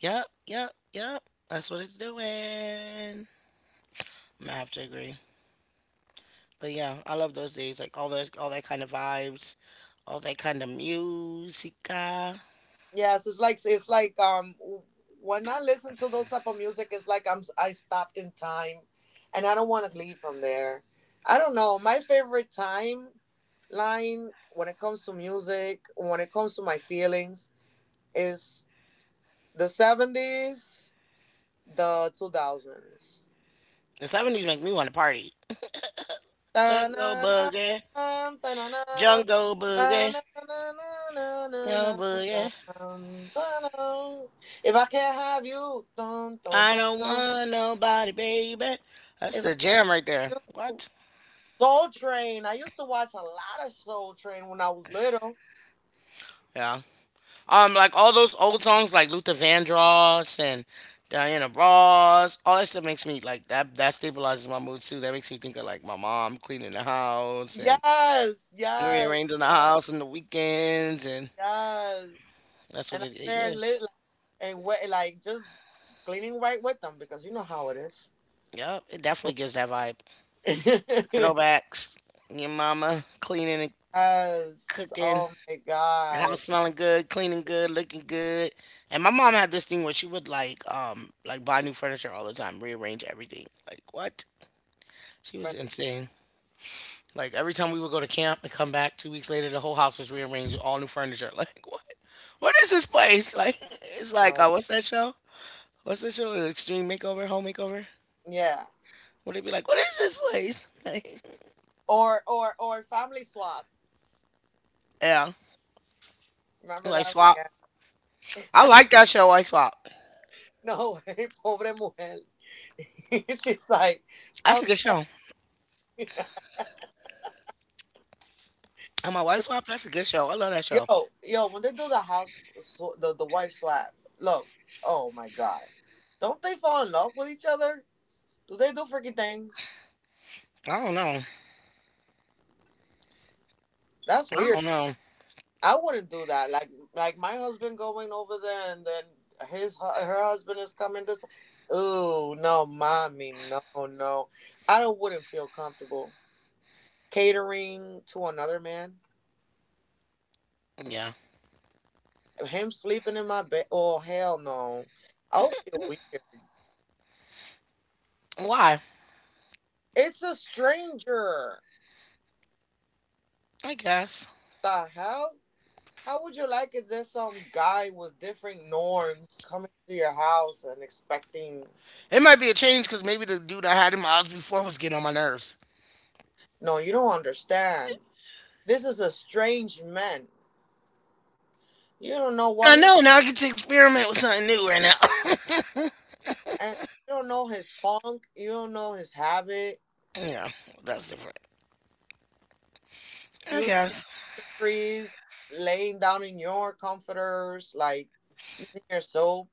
A: Yep, yep, yep. That's what it's doing. I'm gonna have to agree. But yeah, I love those days. Like all those, all that kind of vibes, all that kind of musica.
C: Yes, it's like it's like um w- when I listen to those type of music, it's like I'm I stopped in time, and I don't want to leave from there. I don't know. My favorite time line when it comes to music, when it comes to my feelings, is the seventies, the two thousands.
A: The seventies make me want to party. Jungle
C: Ta-na-na,
A: boogie,
C: ta-na-na,
A: jungle boogie,
C: ta-na-na-na-na-na,
A: no boogie.
C: ta-na, ta-na. If I can't have you, dun, dun,
A: I
C: dun,
A: don't
C: dun.
A: want nobody, baby. That's
C: If I
A: the jam right there.
C: knew
A: What?
C: Soul Train, I used to watch a lot of Soul Train when I was little.
A: Yeah. Um, like all those old songs like Luther Vandross and Diana Ross, all that stuff makes me like that that stabilizes my mood too. That makes me think of like my mom cleaning the house and
C: Yes, yes,
A: rearranging the
C: yes,
A: house on the weekends and
C: yes.
A: that's what
C: And I'm
A: it, it
C: there
A: gives.
C: lit like, and wet, like just cleaning right with them because you know how it is.
A: Yep, it definitely gives that vibe. Throwbacks, your mama cleaning and
C: Yes.
A: cooking,
C: Oh my
A: the
C: god.
A: house smelling good, cleaning good, looking good. And my mom had this thing where she would like um like buy new furniture all the time, rearrange everything. Like what? She was
C: But
A: insane. Like every time we would go to camp and come back two weeks later, the whole house was rearranged with all new furniture. Like what? What is this place? Like it's like uh,
C: no.
A: what's that show? What's that show? Extreme Makeover, Home Makeover.
C: Yeah.
A: Would it be like what is this place? Like,
C: Or or or family swap.
A: yeah,
C: Remember
A: like
C: that one?
A: swap.
C: Yeah.
A: I like that show. I swap.
C: No way. Pobre mujer. She's like,
A: That's
C: oh.
A: a good show. And my wife swap. That's a good show. I love that show.
C: Yo, yo, when they do the house, sw- the the wife swap. Look, oh my god, don't they fall in love with each other? Do they do freaky things?
A: I don't know.
C: That's
A: I
C: weird.
A: don't know.
C: I wouldn't do that. Like, like my husband going over there, and then his hu- her husband is coming this way. Ooh, no, mommy, no, no, I don't wouldn't feel comfortable catering to another man.
A: Yeah.
C: Him sleeping in my bed. Oh hell no, I would feel weird.
A: Why?
C: It's a stranger.
A: I guess
C: The hell. How would you like it? There's some guy with different norms coming to your house and expecting.
A: it might be a change because maybe the dude I had in my house before was getting on my nerves.
C: No, you don't understand. This is a strange man. You don't know what
A: I
C: he,
A: know. Now I get to experiment with something new right now.
C: and you don't know his funk. You don't know his habit.
A: Yeah, that's different. I
C: Using
A: guess.
C: your trees, laying down in your comforters, like using your soap.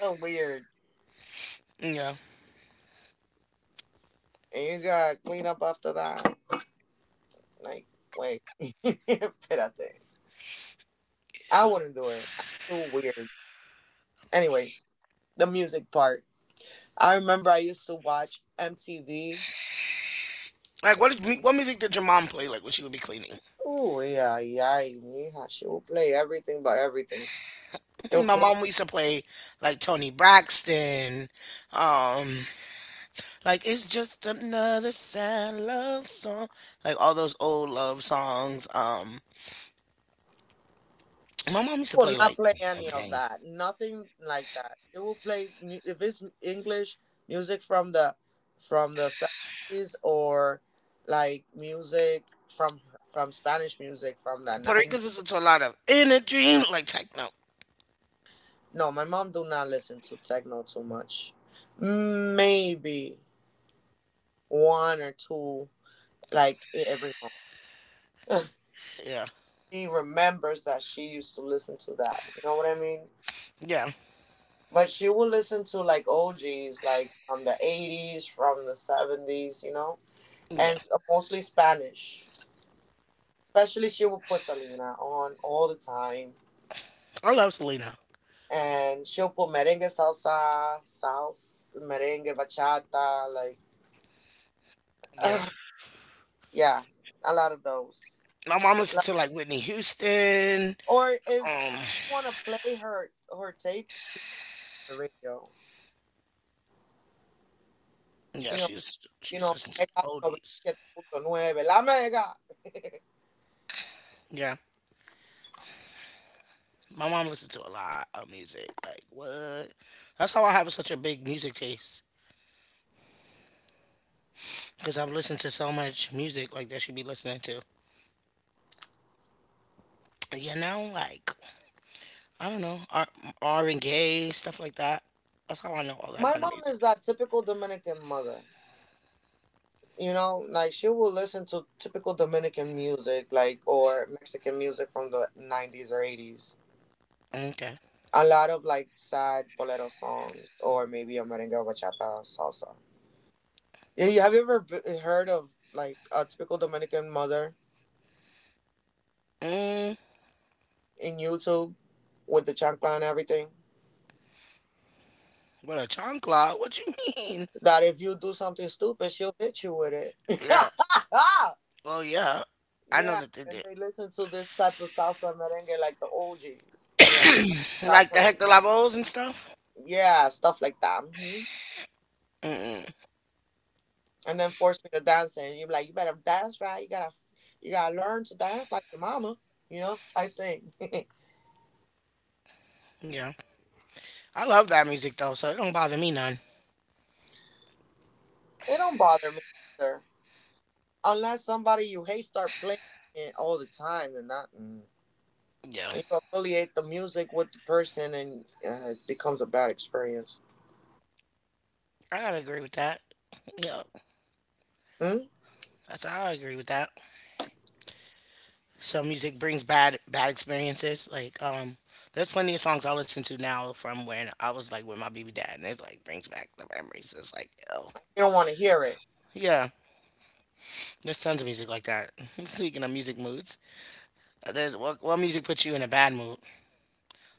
C: So weird.
A: Yeah.
C: And you gotta clean up after that. Like, wait, espérate. I wouldn't do it. I'm too weird. Anyways, the music part. I remember I used to watch M T V.
A: Like what did, mu- what music did your mom play like when she would be cleaning?
C: Oh yeah, yeah, mija. She will play everything but everything. She'll
A: My
C: play.
A: mom used to play like Tony Braxton. Um like it's just another sad love song. Like all those old love songs. Um
C: She
A: my mom used to
C: will
A: play
C: not
A: like
C: play any of
A: okay.
C: that. Nothing like that. She will play mu- if it's English music from the from the seventies or like music from from Spanish music from the
A: Puerto
C: nineties.
A: Ricans listen to a lot of in a dream like techno.
C: No, my mom do not listen to techno too much. Maybe one or two like e- every month.
A: Yeah.
C: She remembers that she used to listen to that. You know what I mean?
A: Yeah.
C: But she will listen to like O Gs, like from the eighties, from the seventies, you know, and
A: Yeah.
C: s- mostly Spanish. Especially, she will put Selena on all the time,
A: I love Selena.
C: and she'll put merengue, salsa, salsa, merengue, bachata, like
A: Yeah.
C: yeah, a lot of those.
A: My mom listened
C: Like,
A: to like Whitney Houston.
C: or if
A: Um
C: she want to play her her tape, she the radio.
A: Yeah,
C: You know.
A: she's
C: You
A: she's
C: know,
A: listens to
C: Mega
A: oldies.
C: ninety-seven point nine, La Mega.
A: Yeah, my mom listened to a lot of music. Like what? That's how I have such a big music taste because I've listened to so much music like that should be listening to. You know, like I don't know R R and gay stuff like that. That's how I know all that
C: My
A: kind of
C: mom
A: music.
C: is that typical Dominican mother. You know, like she will listen to typical Dominican music, like or Mexican music from the nineties or eighties.
A: Okay.
C: A lot of like sad bolero songs, or maybe a merengue, bachata, salsa. Yeah, you have you ever b- heard of like a typical Dominican mother
A: Mm,
C: in YouTube with the chancla and everything?
A: what a chancla? What you mean?
C: That if you do something stupid, she'll hit you with it.
A: Yeah. Well, yeah. I know
C: Yeah,
A: that they
C: and
A: did.
C: they listen to this type of salsa merengue like the O Gs. Yeah, that's
A: Like the
C: her.
A: Hector Lavoes and stuff.
C: Yeah, stuff like that. Hmm. And then force me to dance, and you're like, you better dance right. You gotta, you gotta learn to dance like your mama, you know, type thing. They
A: Yeah. I love that music though, so it don't bother me none.
C: don't bother me either, unless somebody you hate start playing it all the time, and that mm.
A: Yeah.
C: And you affiliate the music with the person, and uh, it becomes a bad experience.
A: I gotta agree with that. Yeah,
C: Hmm? You
A: that's how I agree with that. So music brings bad bad experiences. Like um, there's plenty of songs I listen to now from when I was like with my baby dad, and it like brings back the memories. It's like oh
C: don't want to hear it.
A: yeah, there's tons of music like that. Speaking of music moods, uh, there's what what music puts you in a bad mood?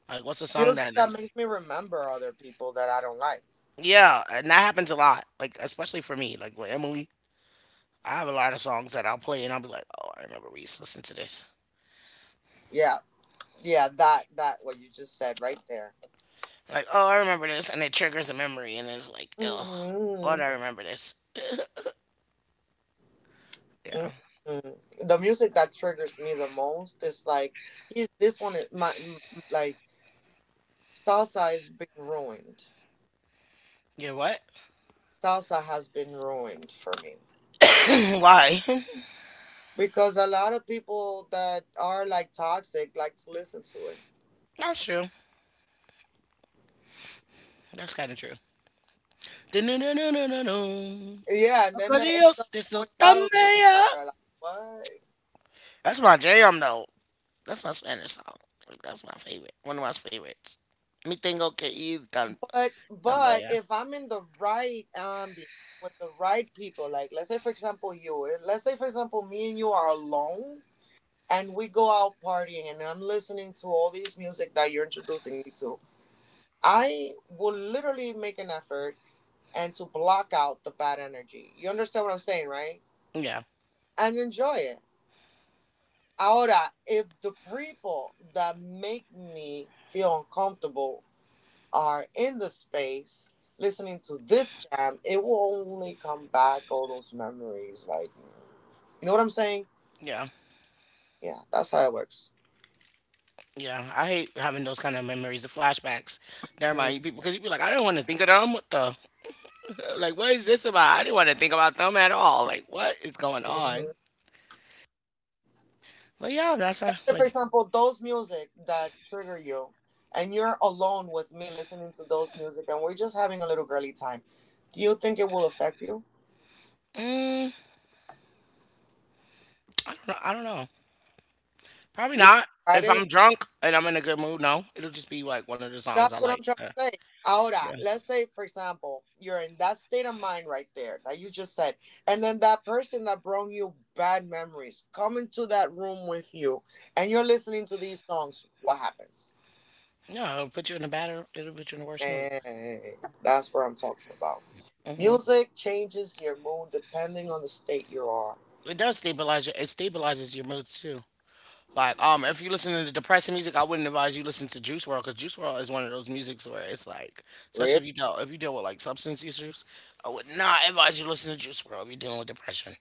A: Like what's a song
C: Music
A: that
C: that
A: like
C: makes me remember other people that I don't like.
A: yeah, and that happens a lot. Like especially for me, like with Emily. I have a lot of songs that I'll play and I'll be like, oh, I remember we used to listen to this.
C: Yeah, yeah, that that what you just said right there.
A: Like, oh, I remember this, and it triggers a memory, and it's like, oh, why do
C: Hmm.
A: I remember this?
C: Hmm.
A: Yeah.
C: The music that triggers me the most is like he's this one is my m- m- like salsa has been ruined.
A: Yeah, what?
C: Salsa has been ruined for me
A: Why?
C: because a lot of people that are like toxic like to listen to it.
A: That's true. That's kind of true.
C: Yeah, and then they end up throwing bottles at each other. Like what?
A: That's my jam, though. That's my Spanish song. Like, that's my favorite. One of my favorites. Me tengo que ir tan,
C: But
A: tan
C: but
A: bella.
C: if I'm in the right ambient with the right people, like let's say for example you, eh, let's say for example me and you are alone and we go out partying and I'm listening to all these music that you're introducing me to, I will literally make an effort and to block out the bad energy. You understand what I'm saying, right?
A: Yeah,
C: And enjoy it. Ahora, if the people that make me feel uncomfortable are in the space listening to this jam, it will only come back all those memories. Like, you know what I'm saying?
A: yeah,
C: Yeah, that's how it works.
A: yeah. I hate having those kind of memories, the flashbacks. Never
C: Mm.
A: mind, you people, because you be like, I don't want to think of them. What the? Like, what is this about? I didn't want to think about them at all. Like, what is going on?
C: Mhm.
A: But yeah, that's a,
C: For
A: like,
C: example, those music that trigger you, and you're alone with me listening to those music, and we're just having a little girly time. Do you think it will affect you?
A: mm, I don't know. I don't know. Probably
C: You never
A: not.
C: tried
A: If
C: it?
A: I'm drunk and I'm in a good mood, no, it'll just be like one of the songs I
C: That's what
A: like.
C: I'm trying
A: Uh,
C: to say. Ahora,
A: yeah,
C: let's say, for example, you're in that state of mind right there that you just said, and then that person that brought you bad memories come into that room with you, and you're listening to these songs. What happens?
A: yeah, it'll put you in a better. It'll put you in a worse mood.
C: And that's what I'm talking about.
A: Hmm.
C: Music changes your mood depending on the state you are.
A: It does stabilize. Your, it stabilizes your moods too. Like, um, if you listen to depressing music, I wouldn't advise you listen to Juice World because Juice World is one of those musics where it's like, especially if
C: Really?
A: you deal if you deal with like substance issues, I would not advise you listen to Juice World if you're dealing with depression.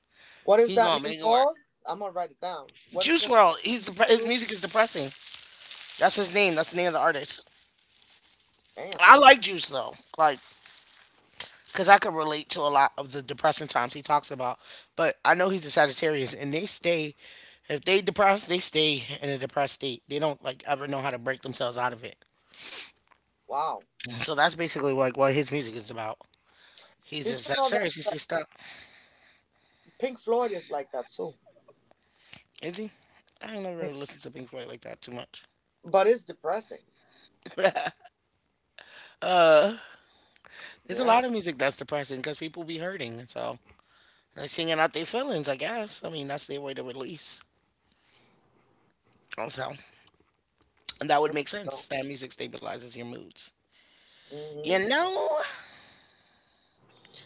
C: What is
A: He
C: that
A: gonna
C: name
A: make it work.
C: called? I'm gonna write it down. What is
A: Juice
C: the
A: World. He's dep- his
C: name?
A: music is depressing. That's his name. That's the name of the artist.
C: Damn!
A: I like Juice though, like because I could relate to a lot of the depressing times he talks about. But I know he's a Sagittarius, and they stay. If they depressed, they stay in a depressed state. They don't like ever know how to break themselves out of it.
C: Wow.
A: So that's basically like what his music is about. He's a
C: Did you know that,
A: Sagittarius. He
C: that
A: stays stuck.
C: Pink Floyd is like that too?
A: Is he? I don't really listen to Pink Floyd like that too much.
C: But it's depressing.
A: There's a
C: Yeah.
A: lot of music that's depressing because people be hurting, and so They're singing out their feelings, I guess. I mean, that's their way to release. So that would make sense. That music stabilizes your moods. You
C: hmm
A: know,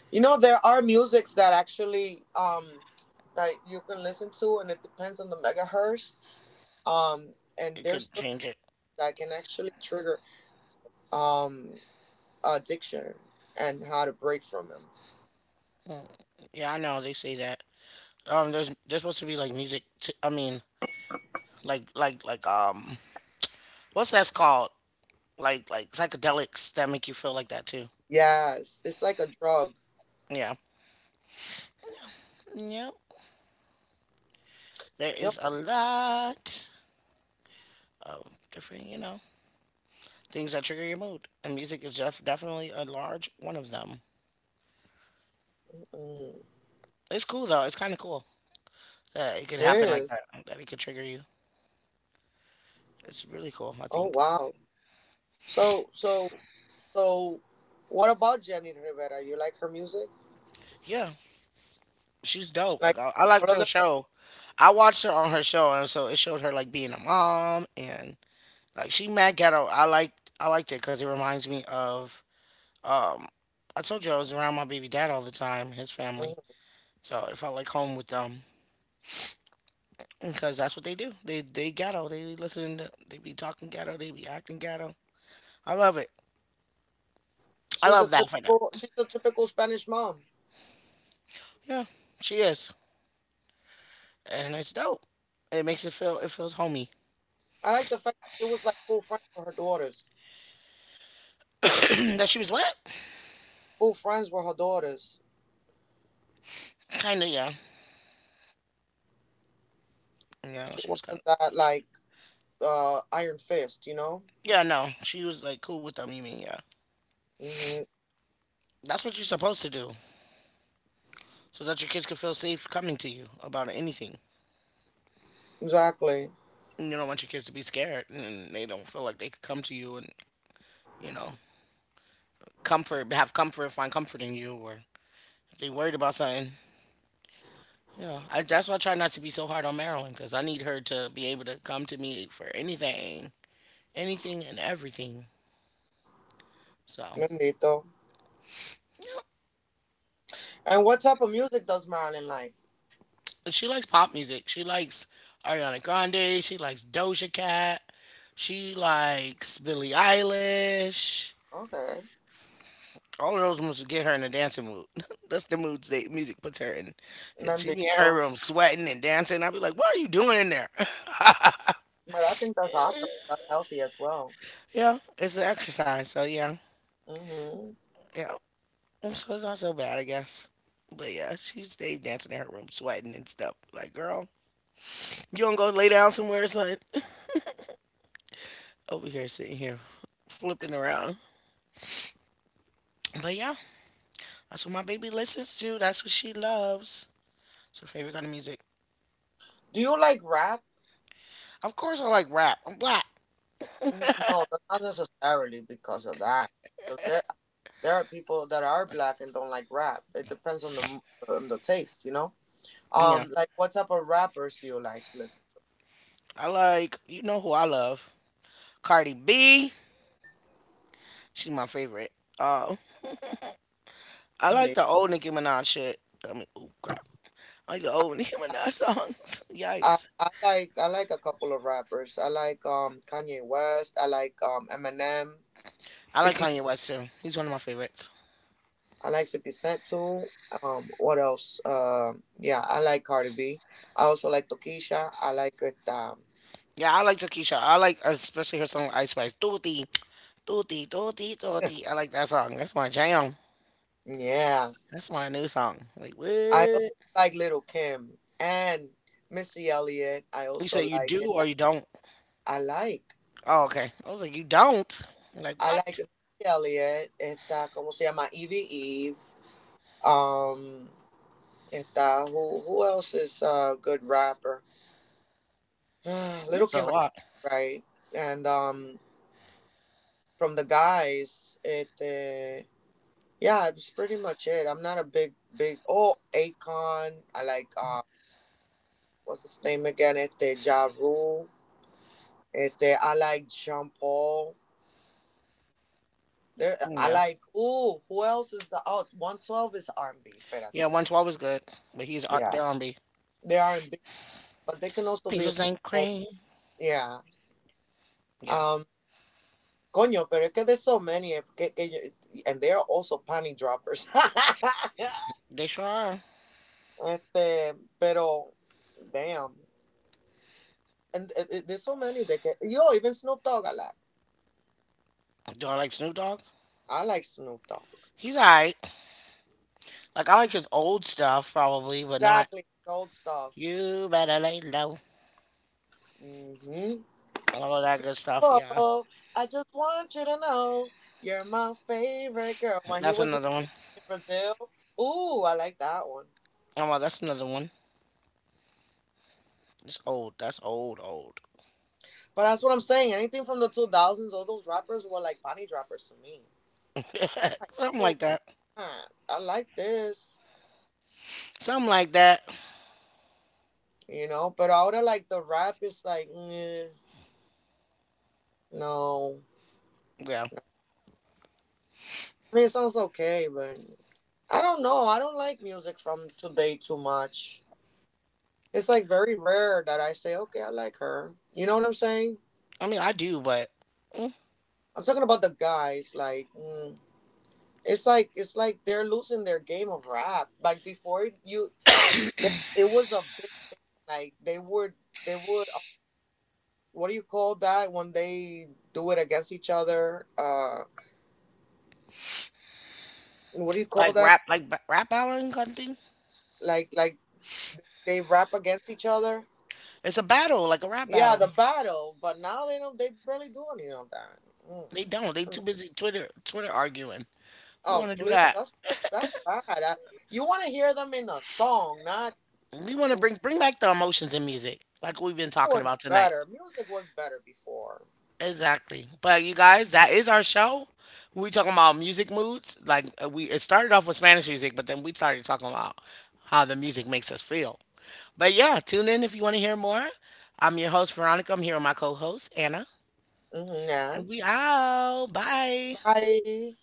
C: You know, there are musics that actually um that you can listen to, and it depends on the megahertz. Um, and
A: it
C: there's
A: could
C: certain
A: change it.
C: that can actually trigger um addiction and how to break from them.
A: Yeah, I know they say that. Um, there's there's supposed to be like music. To, I mean, like like like um, what's that's called? Like like psychedelics that make you feel like that too.
C: Yes, it's like a drug.
A: Yeah. Yep. There
C: Yep,
A: is a lot of different, you know, things that trigger your mood, and music is def- definitely a large one of them.
C: mm,
A: It's cool though. It's kind of cool. That it could
C: it
A: happen like
C: is.
A: that, that it could trigger you. It's really cool, I
C: Oh
A: think.
C: wow. So so so, what about Jenny Rivera? You like her music?
A: Yeah, she's dope. Like
C: Like
A: I, I liked
C: all
A: her
C: of them?
A: show. I watched her on her show, and so it showed her like being a mom and like she mad ghetto. I liked I liked it because it reminds me of um I told you I was around my baby dad all the time, his family,
C: Mhm.
A: so it felt like home with them because that's what they do. They they ghetto. They be listening to, they be talking ghetto. They be acting ghetto. I love it. I
C: She's a
A: love that for
C: typical.
A: them.
C: She's a typical Spanish mom.
A: Yeah, she is. And it's dope. It makes it feel it feels homey.
C: I like the fact that she was like cool friends with her daughters.
A: That she was wet,
C: Cool friends with her daughters.
A: kind of. Yeah, yeah.
C: She
A: She was kind of.
C: wasn't that like uh iron fist, you know?
A: Yeah. No, she was like cool with them. You mean yeah?
C: hmm
A: That's what you're supposed to do, so that your kids can feel safe coming to you about anything.
C: Exactly.
A: You don't want your kids to be scared and they don't feel like they could come to you and you know comfort, have comfort, find comfort in you, or they worried about something. Yeah, I, that's why I try not to be so hard on Marilyn because I need her to be able to come to me for anything, anything and everything. So,
C: Mendito.
A: yeah.
C: And what type of music does Marilyn like?
A: And she likes pop music. She likes Ariana Grande. She likes Doja Cat. She likes Billie Eilish.
C: Okay.
A: All of those moves would get her in a dancing mood. That's the moods that music puts her in. Cause she be in
C: Mendito.
A: her room sweating and dancing. I'd be like, "What are you doing in there?"
C: But I think that's awesome. That's healthy as well.
A: Yeah, it's an exercise. So yeah,
C: hmm
A: yeah. So it's not so bad, I guess. But yeah, she stayed dancing in her room, sweating and stuff. Like, girl, you don't go lay down somewhere or something? Over here, sitting here, flipping around. But yeah. That's what my baby listens to. That's what she loves. It's her favorite kind of music.
C: Do you like rap?
A: Of course, I like rap. I'm black.
C: N- No, that's not necessarily because of that. 'Cause There, there are people that are black and don't like rap. It depends on the m- on the taste, you know.
A: Yeah,
C: Um, like what type of rappers do you like to listen
A: I like you know who I love, Cardi B. She's my favorite. Um, I
C: to? Mm,
A: like
C: they-
A: the old Nicki Minaj shit. I mean, oh crap, I like the old Nicki Minaj songs.
C: I,
A: Yikes.
C: I, I like I like a couple of rappers. I like um Kanye West. I like um Eminem.
A: I like
C: Fifty.
A: Kanye West too. He's one of my favorites.
C: I like Fifty Cent too. Um, what else? Um, yeah, I like Cardi B. I also like Tokisha. I like it. Um,
A: Yeah, I like Takesha. I like especially her song with Ice Spice. Dooty, dooty, dooty, dooty. I like that song. That's my jam.
C: yeah,
A: That's my new song. Like
C: I also
A: what?
C: like Little Kim and Missy Elliott. I
A: You say
C: also
A: you
C: like it.
A: do or you don't?
C: I like
A: Oh, okay. I was like, you don't? I'm like,
C: I like
A: what?
C: Missy Elliott. Esta, ¿cómo se llama? Evie Eve. Um. And uh, who who else is a good rapper? Little
A: That's a
C: Kim, I-
A: lot.
C: right? And um, from the guys, it uh, yeah, it's pretty much it. I'm not a big big oh Akon. I like uh, what's his name again? Este Ja Rule. Este I like Jean Paul. There, I
A: Yeah.
C: like ooh, who else is the oh one twelve is R and B.
A: Yeah,
C: Espérate.
A: one twelve is good, but he's R-
C: Yeah,
A: they're R and B.
C: they are r and but they can also be
A: Peaches and
C: small.
A: cream.
C: Yeah.
A: Yeah,
C: um. Coño, pero es que there's so many. eh, que- que and they are also panty droppers.
A: they sure are.
C: este, pero, damn. And uh, uh, there's so many. That can, yo, even Snoop Dogg I like.
A: Do I like Snoop Dogg?
C: I like Snoop Dogg.
A: He's alright. Like, I like his old stuff, probably, but not
C: Exactly. Old stuff.
A: You Better Lay Low.
C: hmm
A: All of that good stuff, yeah.
C: Oh, I just want you to know you're my favorite girl. When he
A: That's
C: was in
A: another one.
C: Brazil. Ooh, I like that one.
A: Oh, well, that's another one. It's old. That's old, old.
C: But that's what I'm saying. Anything from the two thousands, all those rappers were like panty droppers to me. I'm like,
A: Something
C: oh,
A: like that.
C: "Ah, I like this,
A: Something like that.
C: you know. But ahora like the rap is like, "Nyeh, no.
A: Yeah.
C: No." I mean, it sounds okay, but I don't know. I don't like music from today too much. It's like very rare that I say, okay, I like her. You know what I'm saying?
A: I mean, I do, but mm,
C: I'm talking about the guys. Like, mm, it's like it's like they're losing their game of rap. Like before, you they, it was a big like they would they would uh, what do you call that when they do it against each other? Uh. What do you call
A: like
C: that?
A: rap, like ba- rap battling kind of thing.
C: Like like they rap against each other.
A: It's a battle, like a rap
C: Yeah, the
A: battle.
C: battle. But now they don't. They barely do any of that. Mm.
A: They don't. They too busy Twitter Twitter arguing. Who
C: Oh
A: want to do
C: please,
A: that?
C: that's that's bad. I, you want to hear them in a song, not
A: We want to
C: the
A: bring bring back the emotions in music, like we've been talking
C: was
A: about tonight.
C: better. Music was better before.
A: Exactly. But you guys, that is our show. We talking about music moods. Like uh, we, it started off with Spanish music, but then we started talking about how the music makes us feel. But yeah, tune in if you want to hear more. I'm your host Veronica. I'm here with my co-host Anna,
C: Hmm yeah.
A: and we out. Bye.
C: Bye.